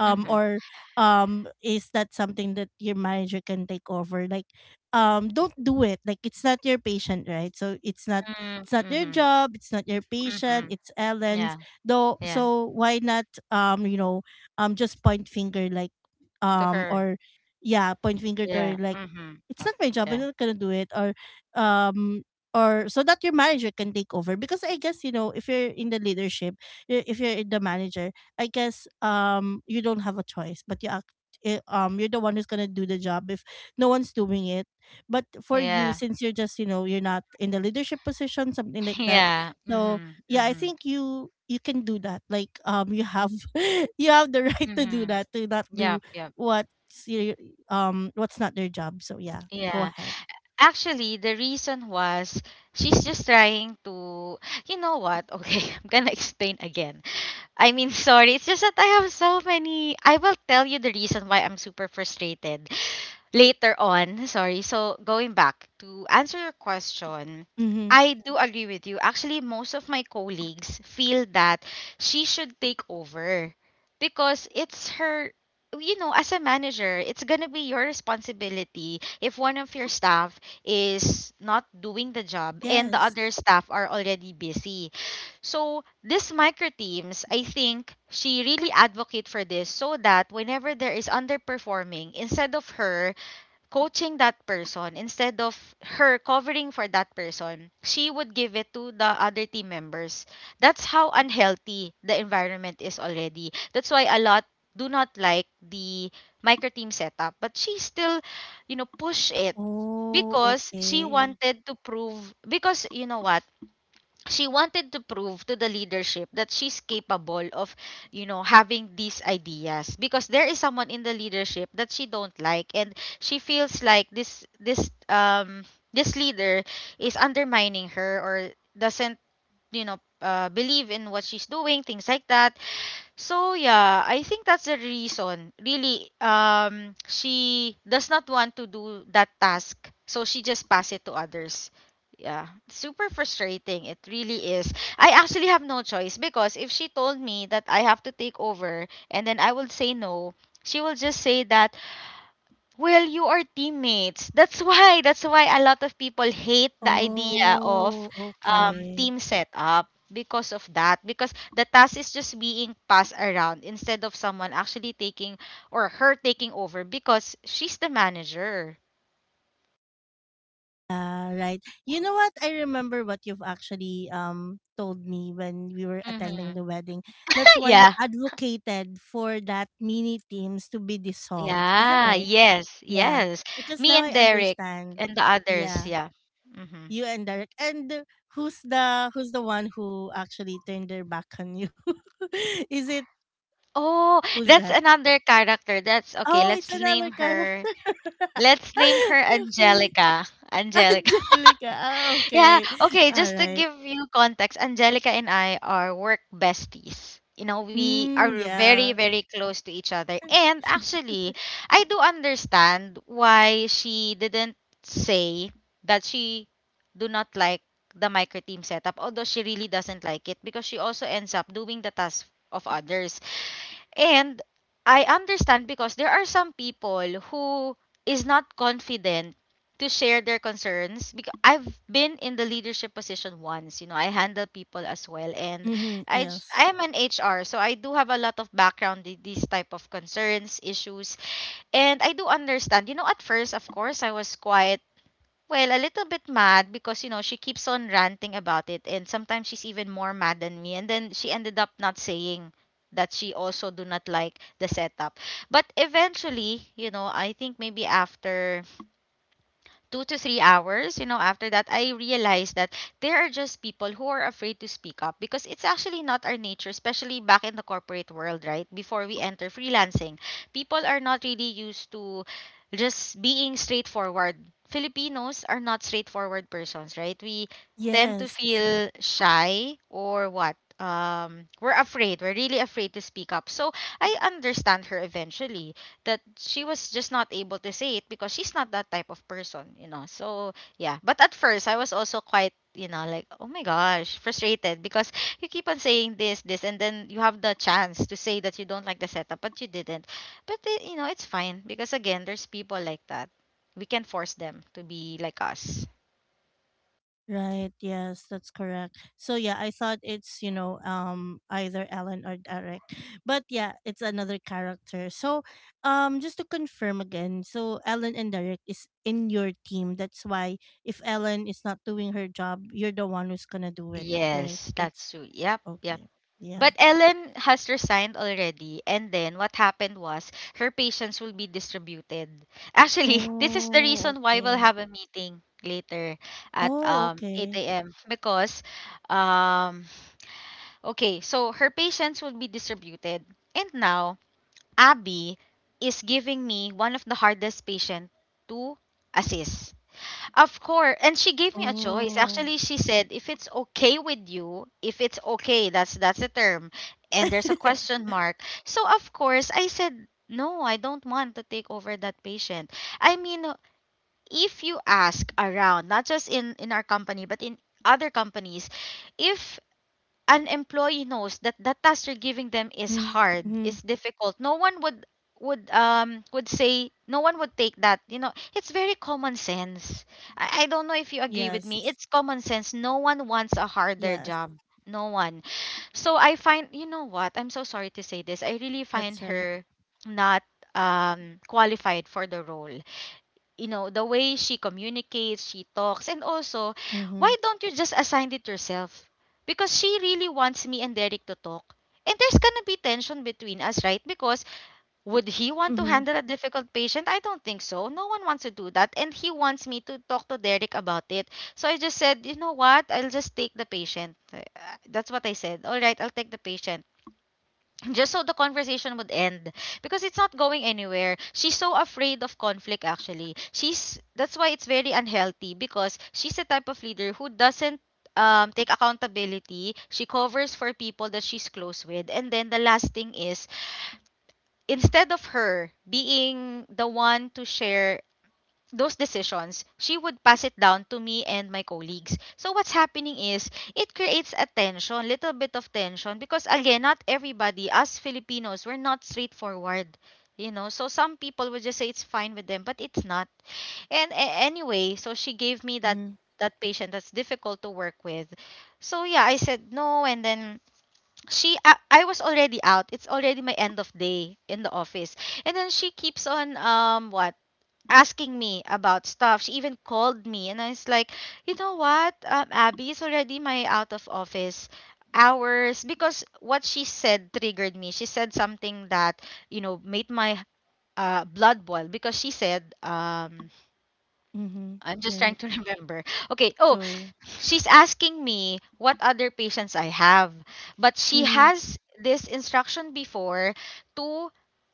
Mhm.
Or is that something that your manager can take over? Like, don't do it. Like, it's not your patient, right? So it's not
Mm,
it's not your
mhm.
job, it's not your patient,
Mhm.
it's Ellen's.
Yeah.
Though,
Yeah.
so why not, you know, just point finger, like,
To her.
or yeah, point finger to her,
Yeah.
like,
Mhm.
it's not my job.
Okay.
I'm not gonna do it. Um or so that your manager can take over. Because I guess you know if you're in the leadership, if you're the manager, I guess you don't have a choice but you act you're the one who's going to do the job if no one's doing it. But for you,
Yeah.
since you're just, you know, you're not in the leadership position, something like that.
Yeah.
So
Mhm.
yeah, I
Mhm.
think you can do that. Like you have you have the right to do
Mhm.
that, to not do
Yep, yep.
what's your what's not their job. So yeah, go
Yeah.
ahead.
Actually, the reason was she's just trying to, you know what? Okay, I'm gonna explain again. I mean, sorry, it's just that I have so many. I will tell you the reason why I'm super frustrated later on. Sorry. So going back to answer your question,
Mm-hmm.
I do agree with you. Actually, most of my colleagues feel that she should take over because it's her, you know, as a manager, it's going to be your responsibility if one of your staff is not doing the job and the
Yes.
other staff are already busy, so this micro teams, I think she really advocate for this so that whenever there is underperforming, instead of her coaching that person, instead of her covering for that person, she would give it to the other team members. That's how unhealthy the environment is already. That's why a lot do not like the micro team setup, but she still, you know, push it
Oh,
because she
okay.
wanted to prove, because you know what, she wanted to prove to the leadership that she's capable of, you know, having these ideas because there is someone in the leadership that she don't like, and she feels like this leader is undermining her or doesn't, you know, believe in what she's doing, things like that. So yeah, I think that's the reason. Really, she does not want to do that task, so she just pass it to others. Yeah, super frustrating. It really is. I actually have no choice because if she told me that I have to take over and then I will say no, she will just say that, well, you are teammates. That's why that's why a lot of people hate the idea of
Oh, okay.
team setup because of that. Because the task is just being passed around instead of someone actually taking or her taking over because she's the manager.
Yeah, right. You know what? I remember what you've actually told me when we were attending
Mm-hmm.
the wedding. That's why you
Yeah.
advocated for that mini teams to be dissolved. Is that
Yeah.
right?
Yes.
Yeah.
Yes.
Because
Me
now
and
I
Derek
understand.
and the others.
Yeah.
Yeah. Mm-hmm.
You and Derek. And who's the who's the one who actually turned their back on you? Is it
Oh,
who's
that's
that?
another character. That's okay.
Oh, it's
Let's
another
name
character.
her. Let's name her
Okay.
Angelica. Angelica.
Angelica. Ah,
Yeah,
okay.
okay, just to
Alright.
give you context, Angelica and I are work besties. You know, we
Mm,
are very,
yeah.
very close to each other. And actually, I do understand why she didn't say that she do not like the micro team setup, although she really doesn't like it because she also ends up doing the task of others. And I understand because there are some people who is not confident to share their concerns because I've been in the leadership position once, you know, I handle people as well and
Mm-hmm.
I j-
Yes.
I'm an HR, so I do have a lot of background with these type of concerns, issues, and I do understand. You know, at first, of course, I was quite well, a little bit mad because, you know, she keeps on ranting about it and sometimes she's even more mad than me. And then she ended up not saying that she also do not like the setup. But eventually, you know, I think maybe after 2 to 3 hours, you know, after that, I realized that there are just people who are afraid to speak up because it's actually not our nature, especially back in the corporate world, right? Before we enter freelancing, people are not really used to just being straightforward. Filipinos are not straightforward persons, right? We tend to
Yes.
feel shy or what? We're afraid. We're really afraid to speak up. So I understand her eventually that she was just not able to say it because she's not that type of person, you know. So yeah, but at first I was also quite, you know, like oh my gosh, frustrated because you keep on saying this, this, and then you have the chance to say that you don't like the setup, but you didn't. But it, you know, it's fine because again, there's people like that. We can force them to be like us.
Right. Yes, that's correct. So yeah, I thought it's, you know, either Ellen or Derek. But yeah, it's another character. So just to confirm again, so Ellen and Derek is in your team. That's why if Ellen is not doing her job, you're the one who's gonna do it, right?
Yes,
It's
that's true. Yep, yep.
okay.
But
Yeah.
Ellen has resigned already, and then what happened was her patients will be distributed. Actually, this is the
Oh,
reason why we'll
okay.
have a meeting later at
Oh, okay.
8 a.m. because um okay, so her patients will be distributed. And now Abby is giving me one of the hardest patient to assist. Of course. And she gave me a choice.
Oh.
Actually, she said, if it's okay with you, if it's okay, that's the term. And there's a question mark. So of course I said, no, I don't want to take over that patient. I mean, if you ask around, not just in our company, but in other companies, if an employee knows that the task you're giving them is hard, is difficult, no one would say no one would take that. You know, it's very
Yes.
common sense. I don't know if you agree with
Yes.
me. It's common sense. No one wants a harder job. No one. So I find, you
That's
know
right.
what? I'm so sorry to say this. I really find her not qualified for the role, you know, the way she
Mm-hmm.
communicates, she talks, and also why don't you just assign it yourself, because she really wants me and Derek to talk and there's gonna be tension between us, right? Because
Mm-hmm.
would he want to handle a difficult patient? I don't think so. No one wants to do that, and he wants me to talk to Derek about it. So I just said, you know what, I'll just take the patient. That's what I said. All right, I'll take the patient just so the conversation would end, because it's not going anywhere. She's so afraid of conflict. Actually, she's that's why it's very unhealthy, because she's the type of leader who doesn't take accountability. She covers for people that she's close with, and then the last thing is, instead of her being the one to share those decisions, she would pass it down to me and my colleagues. So what's happening is it creates a tension, little bit of tension, because again, not everybody, us Filipinos, we're not straightforward. You know, so some people would just say it's fine with them, but it's not. And anyway, so she gave me that
Mm-hmm.
that patient that's difficult to work with. So yeah, I said no, and then she, I was already out. It's already my end of day in the office. And then she keeps on what asking me about stuff. She even called me, and I was like, you know what, Abby is already my out of office hours, because what she said triggered me. She said something that, you know, made my blood boil, because she said
Mm-hmm.
I'm just trying
Right.
to remember. Okay. Oh,
Sure.
she's asking me what other patients I have, but she
Mm-hmm.
has this instruction before to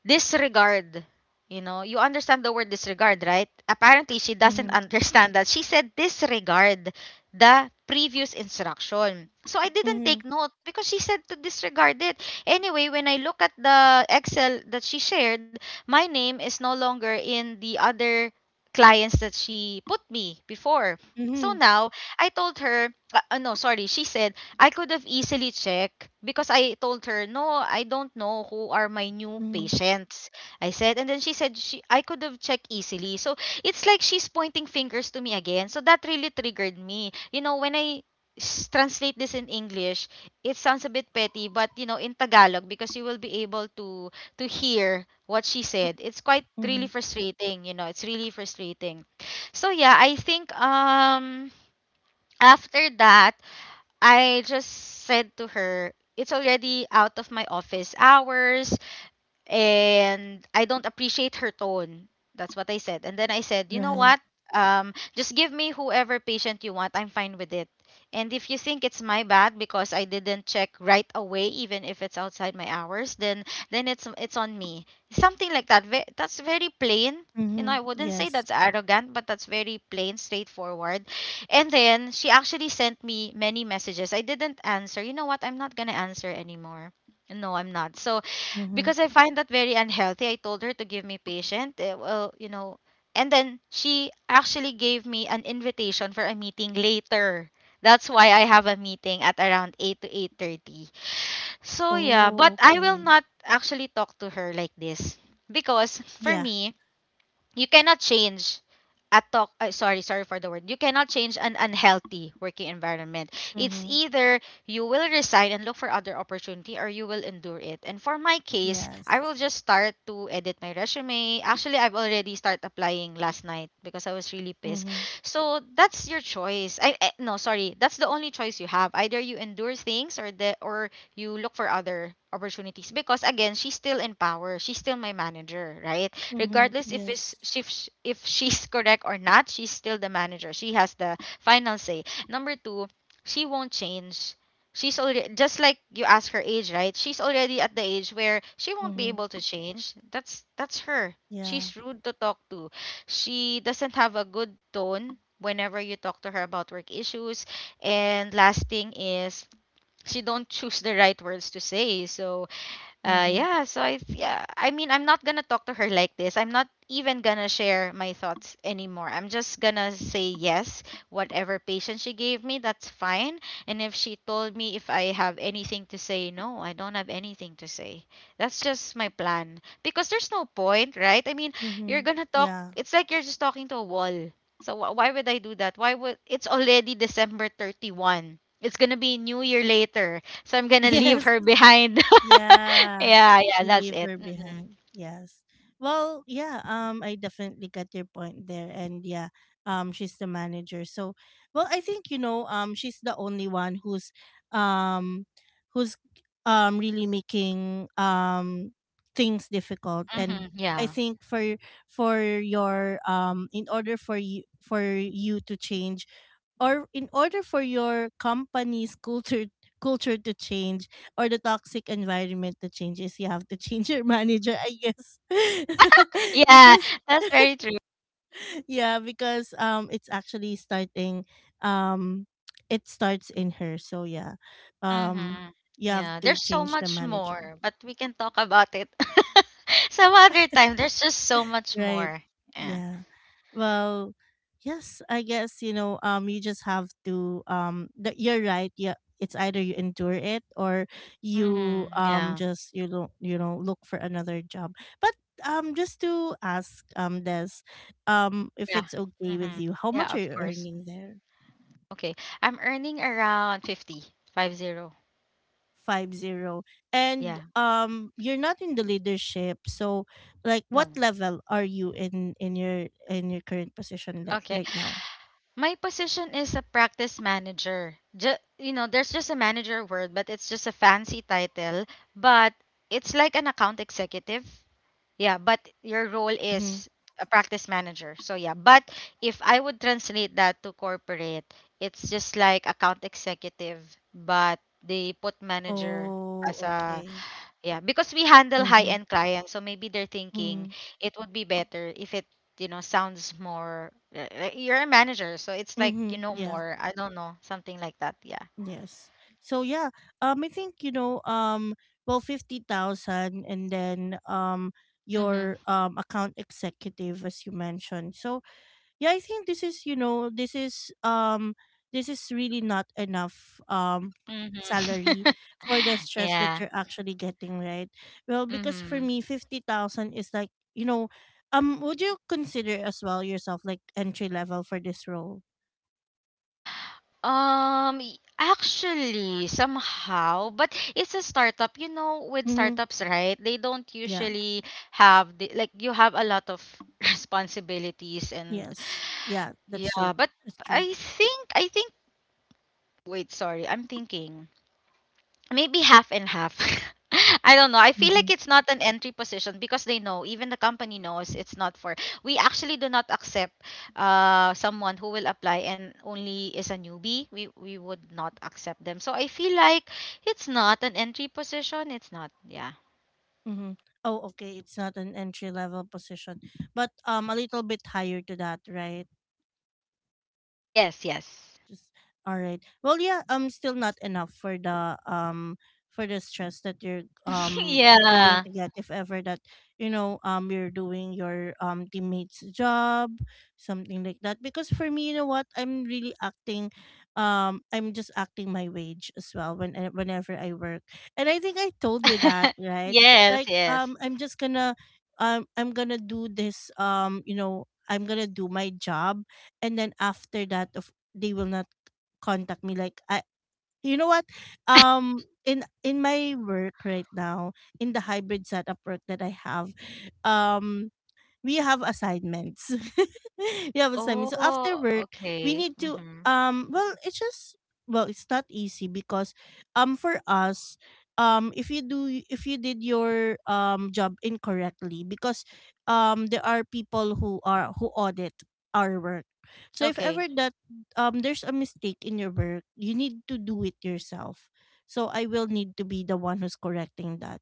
disregard. You know, you understand the word disregard, right? Apparently, she doesn't
Mm-hmm.
understand that. She said disregard the previous instruction. So I didn't
Mm-hmm.
take note because she said to disregard it. Anyway, when I look at the Excel that she shared, my name is no longer in the other clients that she put me before. So
Mm-hmm.
now, I told her, no, sorry, she said, I could have easily checked, because I told her, no, I don't know who are my new
Mm-hmm.
patients. I said, and then she said, I could have checked easily. So it's like she's pointing fingers to me again. So that really triggered me. You know, when I translate this in English, it sounds a bit petty, but you know, in Tagalog, because you will be able to hear what she said,
Mm-hmm.
it's quite really
Mm-hmm.
frustrating, you know, it's really frustrating. So yeah, I think after that, I just said to her, it's already out of my office hours and I don't appreciate her tone. That's what I said. And then I said, you know
Right.
what? Just give me whoever patient you want. I'm fine with it. And if you think it's my bad because I didn't check right away, even if it's outside my hours, then it's on me. Something like that. That's very plain. You know,
Mm-hmm.
I wouldn't say
Yes.
that's arrogant, but that's very plain, straightforward. And then she actually sent me many messages. I didn't answer. You know what? I'm not gonna answer anymore. No, I'm not. So
Mm-hmm.
because I find that very unhealthy. I told her to give me patient. Well, you know, and then she actually gave me an invitation for a meeting later. That's why I have a meeting at around 8 to 8:30. So yeah, but
Oh,
I will
okay.
not actually talk to her like this, because for
Yeah.
me, you cannot change a talk sorry for the word, you cannot change an unhealthy working environment. It's
Mm-hmm.
either you will resign and look for other opportunity, or you will endure it. And for my case,
Yes.
I will just start to edit my resume. Actually, I've already started applying last night because I was really pissed.
Mm-hmm.
So that's your choice. I No, sorry, that's the only choice you have. Either you endure things or you look for other opportunities, because again, she's still in power, she's still my manager, right?
Mm-hmm.
Regardless if is
Yes.
if sh- if she's correct or not, she's still the manager. She has the final say. Number two, she won't change. She's already, just like you ask her age, right, she's already at the age where she won't be
Mm-hmm.
able to change. That's her.
Yeah.
She's rude to talk to. She doesn't have a good tone whenever you talk to her about work issues. And last thing is, she don't choose the right words to say. So
Mm-hmm.
yeah, so yeah, I mean, I'm not gonna talk to her like this. I'm not even gonna share my thoughts anymore. I'm just gonna say yes, whatever patience she gave me, that's fine. And if she told me if I have anything to say, no, I don't have anything to say. That's just my plan because there's no point, right? I mean,
Mm-hmm.
you're gonna talk.
Yeah.
It's like you're just talking to a wall. So why would I do that? Why would, it's already December 31? It's gonna be New Year later, so I'm gonna leave
Yes.
her behind.
Yeah,
Yeah, yeah,
you
that's
leave
it.
her
Hmm.
behind. Yes. Well, yeah, I definitely get your point there. And yeah, she's the manager. So, well, I think, you know, she's the only one who's um who's really making things difficult. And
Hmm.
I
Yeah,
think for your in order for you to change, or in order for your company's culture to change, or the toxic environment to change, is you have to change your manager, I guess.
yeah,
Because
that's very true.
yeah, because it's actually starting, um it starts in her. So yeah, um
Hmm.
you have
Yeah,
to
there's so
change the
much
manager.
more, but we can talk about it some other time. There's just so much
Right.
more. Yeah.
Yeah. Well, yes, I guess, you know, you just have to that you're right. Yeah, it's either you endure it, or you
Hmm. Yeah.
just you don't, you know, look for another job. But just to ask, Des, if
Yeah.
it's okay with
Hmm.
you, how
Yeah,
much are
of
you
course.
earning there?
Okay, I'm earning around 50, five zero.
Five zero. And
Yeah.
you're not in the leadership, so like what
No.
level are you in your current position like
Okay.
right now?
My position is a practice manager. You know, there's just a manager word, but it's just a fancy title. But it's like an account executive. Yeah, but your role
Mm-hmm.
is a practice manager. So yeah, but if I would translate that to corporate, it's just like account executive, but they put manager
Oh,
as a
okay.
yeah, because we handle
Mm-hmm.
high-end clients, so maybe they're thinking
Mm-hmm.
it would be better if it, you know, sounds more. You're a manager, so it's like you
Mm-hmm.
know
Yeah.
more. I don't know, something like that. Yeah.
Yes. So yeah, I think, you know, well, 50,000, and then
Mhm.
your account executive, as you mentioned. So yeah, I think this is, you know, this is really not enough
Mhm.
salary for the stress that
Yeah.
you're actually getting, right? Well, because for
Mhm.
me, 50,000 is like, you know, would you consider as well yourself like entry level for this role?
Actually, somehow, but it's a startup. You know, with
Mm-hmm.
startups, right? They don't
Yeah.
usually have the like you have a lot of responsibilities and
Yes. Yeah, that's true.
yeah, but
That's true.
I think wait, sorry. I'm thinking maybe half and half. I don't know. I feel
Mm-hmm.
like it's not an entry position because they know, even the company knows it's not for. We actually do not accept someone who will apply and only is a newbie. We would not accept them. So I feel like it's not an entry position. It's not. Yeah.
Mm-hmm. Oh, okay, it's not an entry level position, but a little bit higher to that, right?
Yes, yes.
Just all right. Well, yeah, still not enough for the stress that you're going
Yeah.
to get if ever that you know you're doing your teammates job, something like that. Because for me, you know what, I'm really acting, I'm just acting my wage as well when whenever I work. And I think I told you that, right?
Yes,
Like
yes.
I'm just gonna I'm gonna do this, you know, I'm gonna do my job, and then after that of they will not contact me like I you know what um in my work right now, in the hybrid setup work that I have, um we have assignments. We have assignments. So after
Oh,
work, we
okay.
need to
Mhm.
well it's just, well it's not easy because for us, if you do if you did your job incorrectly, because there are people who are who audit our work. So if
Okay.
ever that there's a mistake in your work, you need to do it yourself. So I will need to be the one who's correcting that.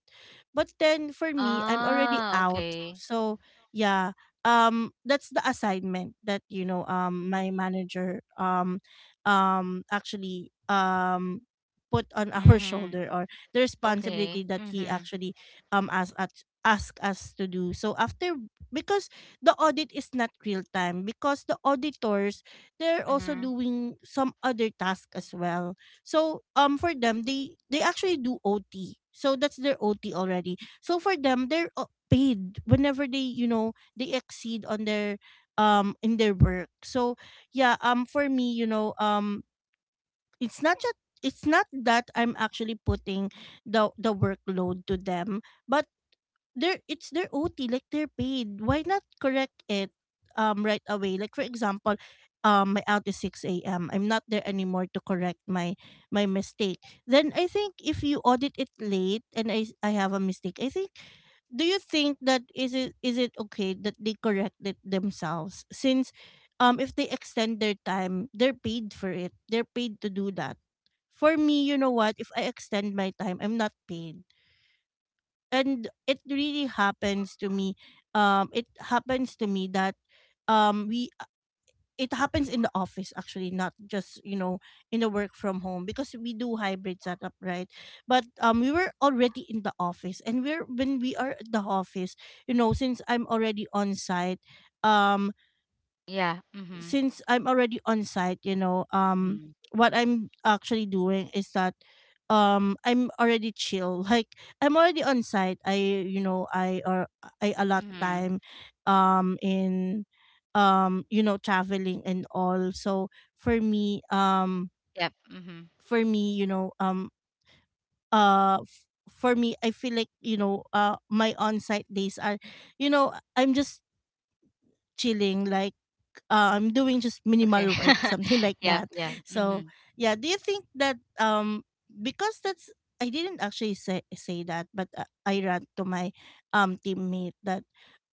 But then for me, I'm already
Ah,
out.
okay.
So yeah, that's the assignment that, you know, my manager actually put on our
Mm-hmm.
shoulder, or the
Okay.
responsibility that he
Mm-hmm.
actually asked us to do so after. Because the audit is not real time, because the auditors they're also
Mm-hmm.
doing some other task as well. So for them, they actually do OT, so that's their OT already. So for them they're paid whenever they you know they exceed on their in their work. So yeah, for me, you know, it's not just, it's not that I'm actually putting the workload to them, but their it's their OT, like they're paid. Why not correct it right away? Like for example, my out is six AM. I'm not there anymore to correct my mistake. Then I think if you audit it late and I have a mistake, I think do you think that is it okay that they correct it themselves, since if they extend their time, they're paid for it, they're paid to do that. For me, you know what, if I extend my time, I'm not paid. And it really happens to me. It happens to me that we it happens in the office, actually, not just, you know, in the work from home, because we do hybrid setup, right? But we were already in the office and we're when we are at the office, you know, since I'm already on site. um
Yeah. Mm-hmm.
since I'm already on site, you know,
Mm-hmm.
what I'm actually doing is that I'm already chill. Like I'm already on site. I allot
Mm-hmm.
time, um in, you know, traveling and all. So for me,
Yep. Mm-hmm.
you know, for me I feel like, you know, my on site days are, you know, I'm just chilling, like I'm doing just
Okay.
minimal work, something like
Yep.
that.
Yeah.
So
Mm-hmm.
yeah, do you think that because that's, I didn't actually say that, but I rant to my teammate that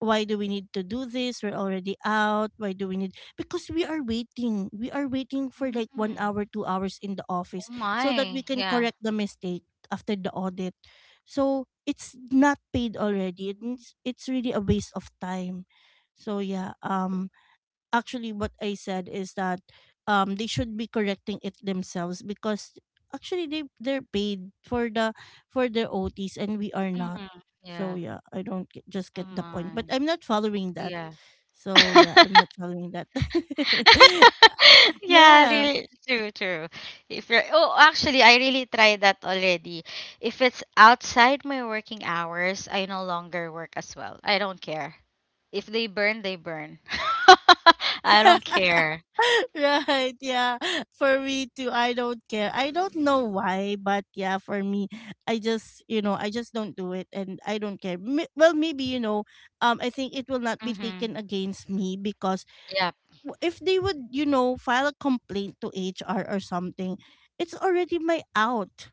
why do we need to do this? We're already out. Why do we need? Because we are waiting. We are waiting for like one
Mm-hmm.
hour, 2 hours in the office
Oh
so that we
my.
can
Yeah.
correct the mistake after the audit. So it's not paid already. It's really a waste of time. So yeah, actually what I said is that they should be correcting it themselves, because actually they're paid for the for their OTs and we are not.
Mm-hmm.
So
Yeah.
yeah, I don't get, just
Oh
get the point.
my.
But I'm not following that.
Yeah.
So yeah, I'm not following that.
Yeah,
Yeah.
really true, true. If you're oh, actually, I really tried that already. If it's outside my working hours, I no longer work as well. I don't care. If they burn, they burn. I don't care.
Right. Yeah, for me too, I don't care. I don't know why, but yeah, for me, I just, you know, I just don't do it and I don't care. Well maybe, you know, I think it will not be
Mhm.
taken against me, because
Yep.
if they would, you know, file a complaint to HR or something, it's already my out,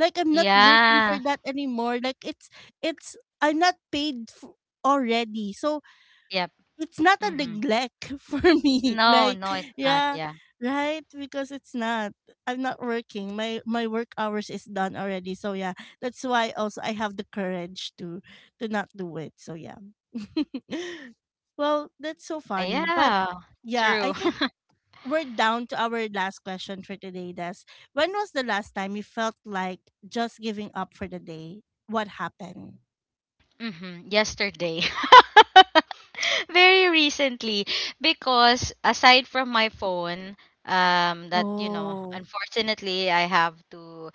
like I'm not working
Yeah.
for that anymore, like it's I'm not paid already. So
Yep.
it's not a
Mhm.
neglect for me.
No,
Like,
no, it's not.
yeah,
Yeah.
right? Because it's not. I'm not working. My work hours is done already. So yeah, that's why also I have the courage to not do it. So yeah. Well, that's so
Ah,
funny. But
yeah.
yeah, I
True.
think we're down to our last question for today, Des. When was the last time you felt like just giving up for the day? What happened?
Mhm. Yesterday. Very recently because aside from my phone, that, you know,
Oh.
unfortunately I have to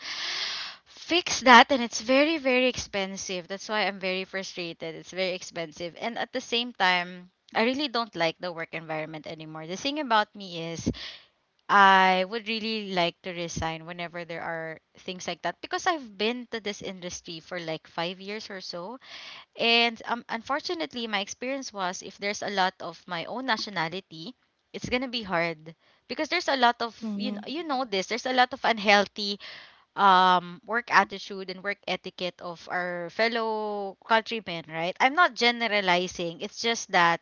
fix that and it's very very expensive. That's why I'm very frustrated. It's very expensive. And at the same time, I really don't like the work environment anymore. The thing about me is I would really like to resign whenever there are things like that because I've been to this industry for like 5 years or so. And unfortunately, my experience was if there's a lot of my own nationality, it's gonna be hard because there's a lot of
Mm-hmm.
you know this, there's a lot of unhealthy work attitude and work etiquette of our fellow countrymen, right? I'm not generalizing, it's just that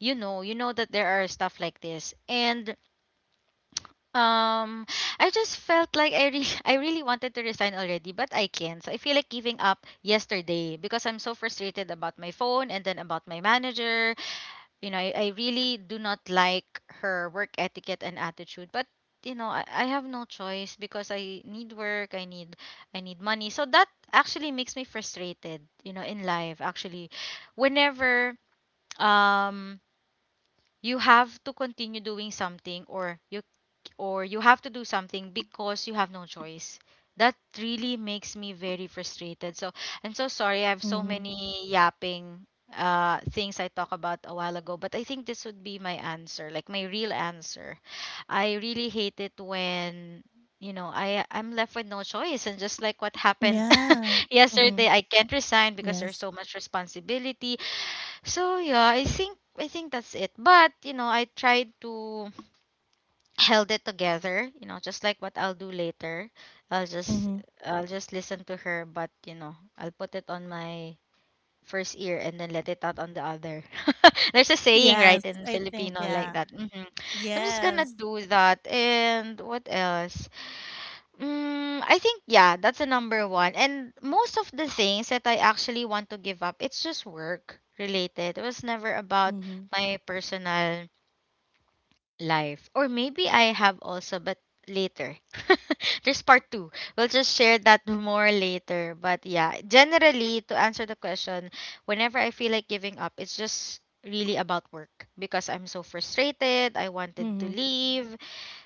you know that there are stuff like this. And um, I just felt like I really, I really wanted to resign already, but I can't. So I feel like giving up yesterday because I'm so frustrated about my phone and then about my manager. You know, I really do not like her work etiquette and attitude, but you know, I have no choice because I need work, I need money. So that actually makes me frustrated, you know, in life actually. Whenever um you have to continue doing something, or you have to do something because you have no choice, that really makes me very frustrated. So I'm so sorry, I have
Mm-hmm.
so many yapping things I talked about a while ago, but I think this would be my answer, like my real answer. I really hate it when, you know, I'm left with no choice, and just like what happened
Yeah. Mm-hmm.
yesterday, I can't resign because
Yes.
there's so much responsibility. So yeah, I think that's it. But you know, I tried to held it together. You know, just like what I'll do later. I'll just
Mm-hmm.
I'll just listen to her, but you know, I'll put it on my first ear and then let it out on the other. There's a saying
Yes,
right in
I think
Filipino
yeah.
like that. Hmm. So I'm just gonna
Yes.
do that. And what else? Mm, I think yeah, that's the number 1. And most of the things that I actually want to give up, it's just work related. It was never about
Mm-hmm.
my personal life. Or maybe I have also, but later. There's part two. We'll just share that more later. But yeah, generally to answer the question, whenever I feel like giving up, it's just really about work because I'm so frustrated. I wanted to
Mm-hmm.
leave.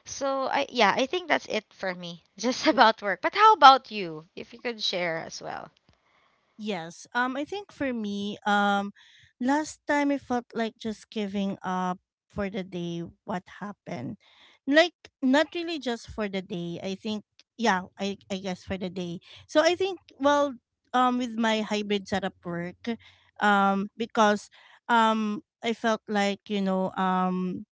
So I yeah, I think that's it for me. Just about work. But how about you? If you could share as well.
Yes. I think for me, last time I felt like just giving up for the day. What happened? Like not really just for the day. I think yeah. I guess for the day. So I think well, with my hybrid setup work, because I felt like, you know,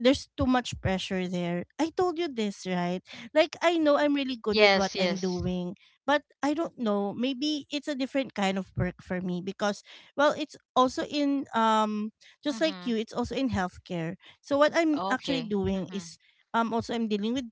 there's too much pressure there. I told you this, right? Like I know I'm really good with what
Yes,
I'm
yes.
doing, but I don't know, maybe it's a different kind of work for me because well, it's also in just like you,
Mhm.
it's also in healthcare. So what I'm actually
Okay.
doing
Mhm.
is also I'm dealing with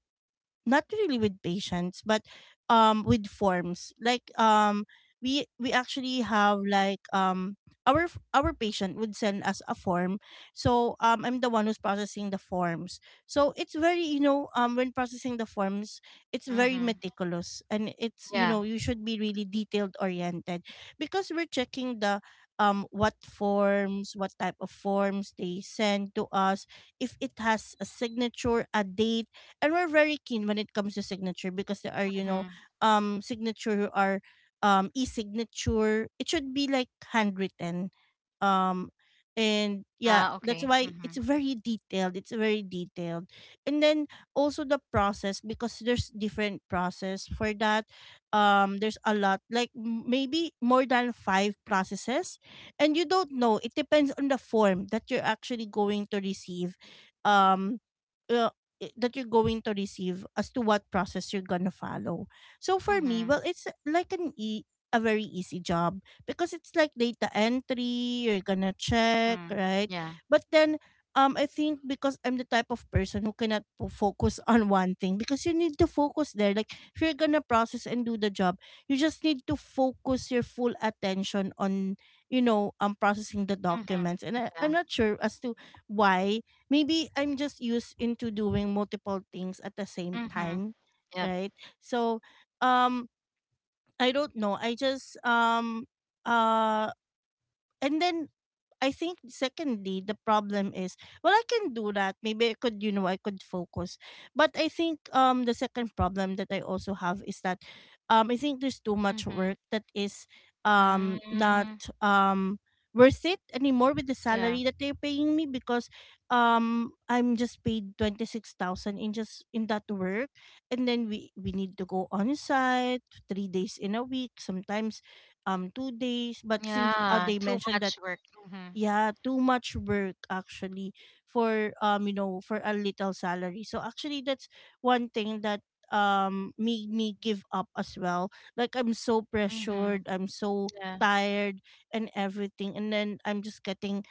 not really with patients but with forms. We actually have our our patient would send us a form, so I'm the one who's processing the forms. So it's very when processing the forms, it's very
Mhm.
meticulous, and it's, you
Yeah.
know, you should be really detailed oriented because we're checking the what forms, what type of forms they send to us, if it has a signature, a date. And we're very keen when it comes to signature because there are, you know,
Mhm.
signature or e-signature, it should be like handwritten. um and yeah,
Ah,
that's
okay.
why it's
Mhm.
very detailed, it's very detailed. And then also the process, because there's different process for that. There's a lot, like maybe more than five processes, and you don't know, it depends on the form that you're actually going to receive, um uh, that you're going to receive as to what process you're gonna follow. So for me,
Mhm.
well, it's like an e a very easy job because it's like data entry. You're gonna check,
Mhm.
right?
Yeah.
But then, I think because I'm the type of person who cannot focus on one thing, because you need to focus there. Like, if you're gonna process and do the job, you just need to focus your full attention on, you know, processing the
Mhm.
documents. And I'm
Yeah.
not sure as to why. Maybe I'm just used into doing multiple things at the same
Mhm.
time,
Yep.
right? So um I don't know. I just uh and then I think secondly, the problem is, well, I can do that. Maybe I could, you know, I could focus. But I think the second problem that I also have is that I think there's too much
Mhm.
work that is not
Mm.
um worth it anymore with the
Yeah.
salary that they're paying me, because I'm just paid 26,000 in just in that work. And then we need to go on site 3 days in a week, sometimes 2 days. But since
Yeah,
they
too
mentioned that,
much work. Mhm.
yeah, too much work actually for you know, for a little salary. So actually that's one thing that made me give up as well. Like, I'm so pressured,
Mhm.
I'm so
Yeah.
tired and everything. And then I'm just getting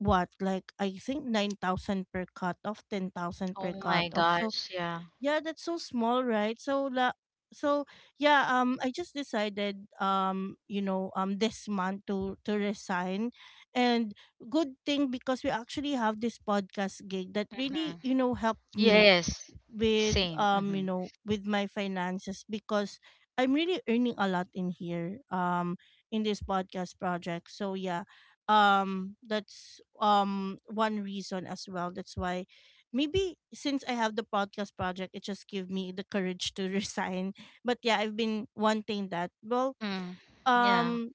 what, like I think 9,000 per cut off, 10,000
Oh
per cut
my
off. So
gosh, yeah.
yeah, that's so small, right? So yeah, I just decided this month to resign. And good thing, because we actually have this podcast gig that really,
Mhm.
you know, helped me
Yes.
with
Same.
you
Mhm.
know, with my finances, because I'm really earning a lot in here, in this podcast project. So yeah, that's one reason as well. That's why, maybe since I have the podcast project, it just gave me the courage to resign. But yeah, I've been wanting that. Well,
Mhm. Yeah.
um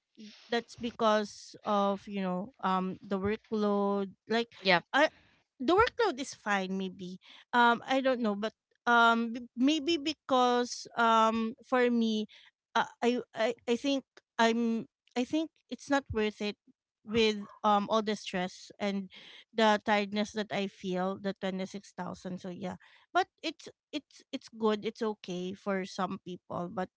that's because of, you know, the workload. Like,
Yep.
I the workload is fine, maybe. I don't know. But maybe because for me, I think i'm I think it's not worth it with all the stress and the tiredness that I feel, the 26,000. So yeah, but it's good, it's okay for some people, but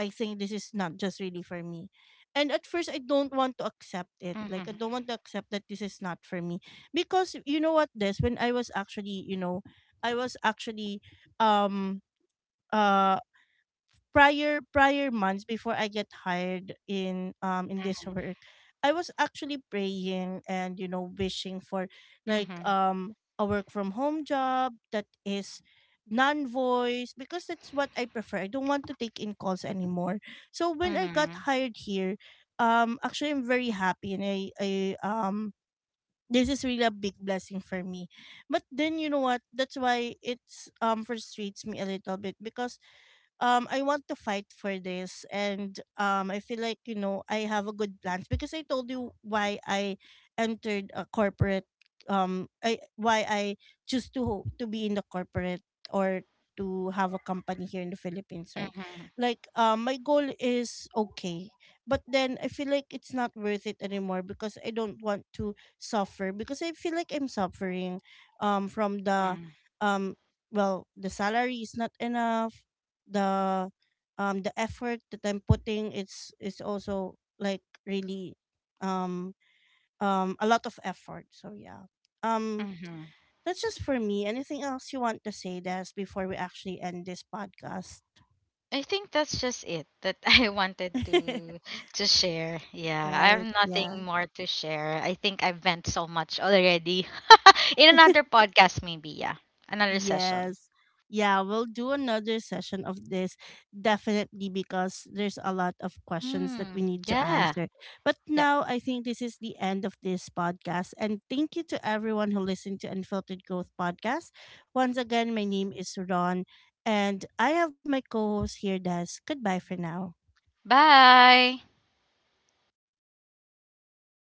I think this is not just really for me. And at first, I don't want to accept it. Like, I
Mhm.
don't want to accept that this is not for me. Because, you know what, this, when I was actually, you know, I was actually um uh prior months before I get hired in this work, I was actually praying and, you know, wishing for like
Mhm,
a work from home job that is non voice, because that's what I prefer. I don't want to take in calls anymore. So when I got
mhm,
hired here, actually I'm very happy, and I um this is really a big blessing for me. But then, you know what, that's why it's frustrates me a little bit, because I want to fight for this, and I feel like, you know, I have a good plans, because I told you why I entered a corporate, I why I choose to be in the corporate, or to have a company here in the Philippines, right?
mhm,
Like, my goal is okay. But then I feel like it's not worth it anymore because I don't want to suffer, because I feel like I'm suffering from the
mhm,
um well, the salary is not enough, the the effort that I'm putting, it's is also like really um a lot of effort. So yeah. Um
mhm.
that's just for me. Anything else you want to say, Des, before we actually end this podcast?
I think that's just it, that I wanted to share. Yeah, I have
Right.
nothing
Yeah.
more to share. I think I've vent so much already. In another podcast, maybe, yeah. Another session.
Yes. Yeah, we'll do another session of this definitely, because there's a lot of questions that we
Mm,
need to
yeah.
answer. But
Yep.
now I think this is the end of this podcast. And thank you to everyone who listened to Unfiltered Growth Podcast. Once again, my name is Ron, and I have my co host here, Des. Goodbye for now.
Bye.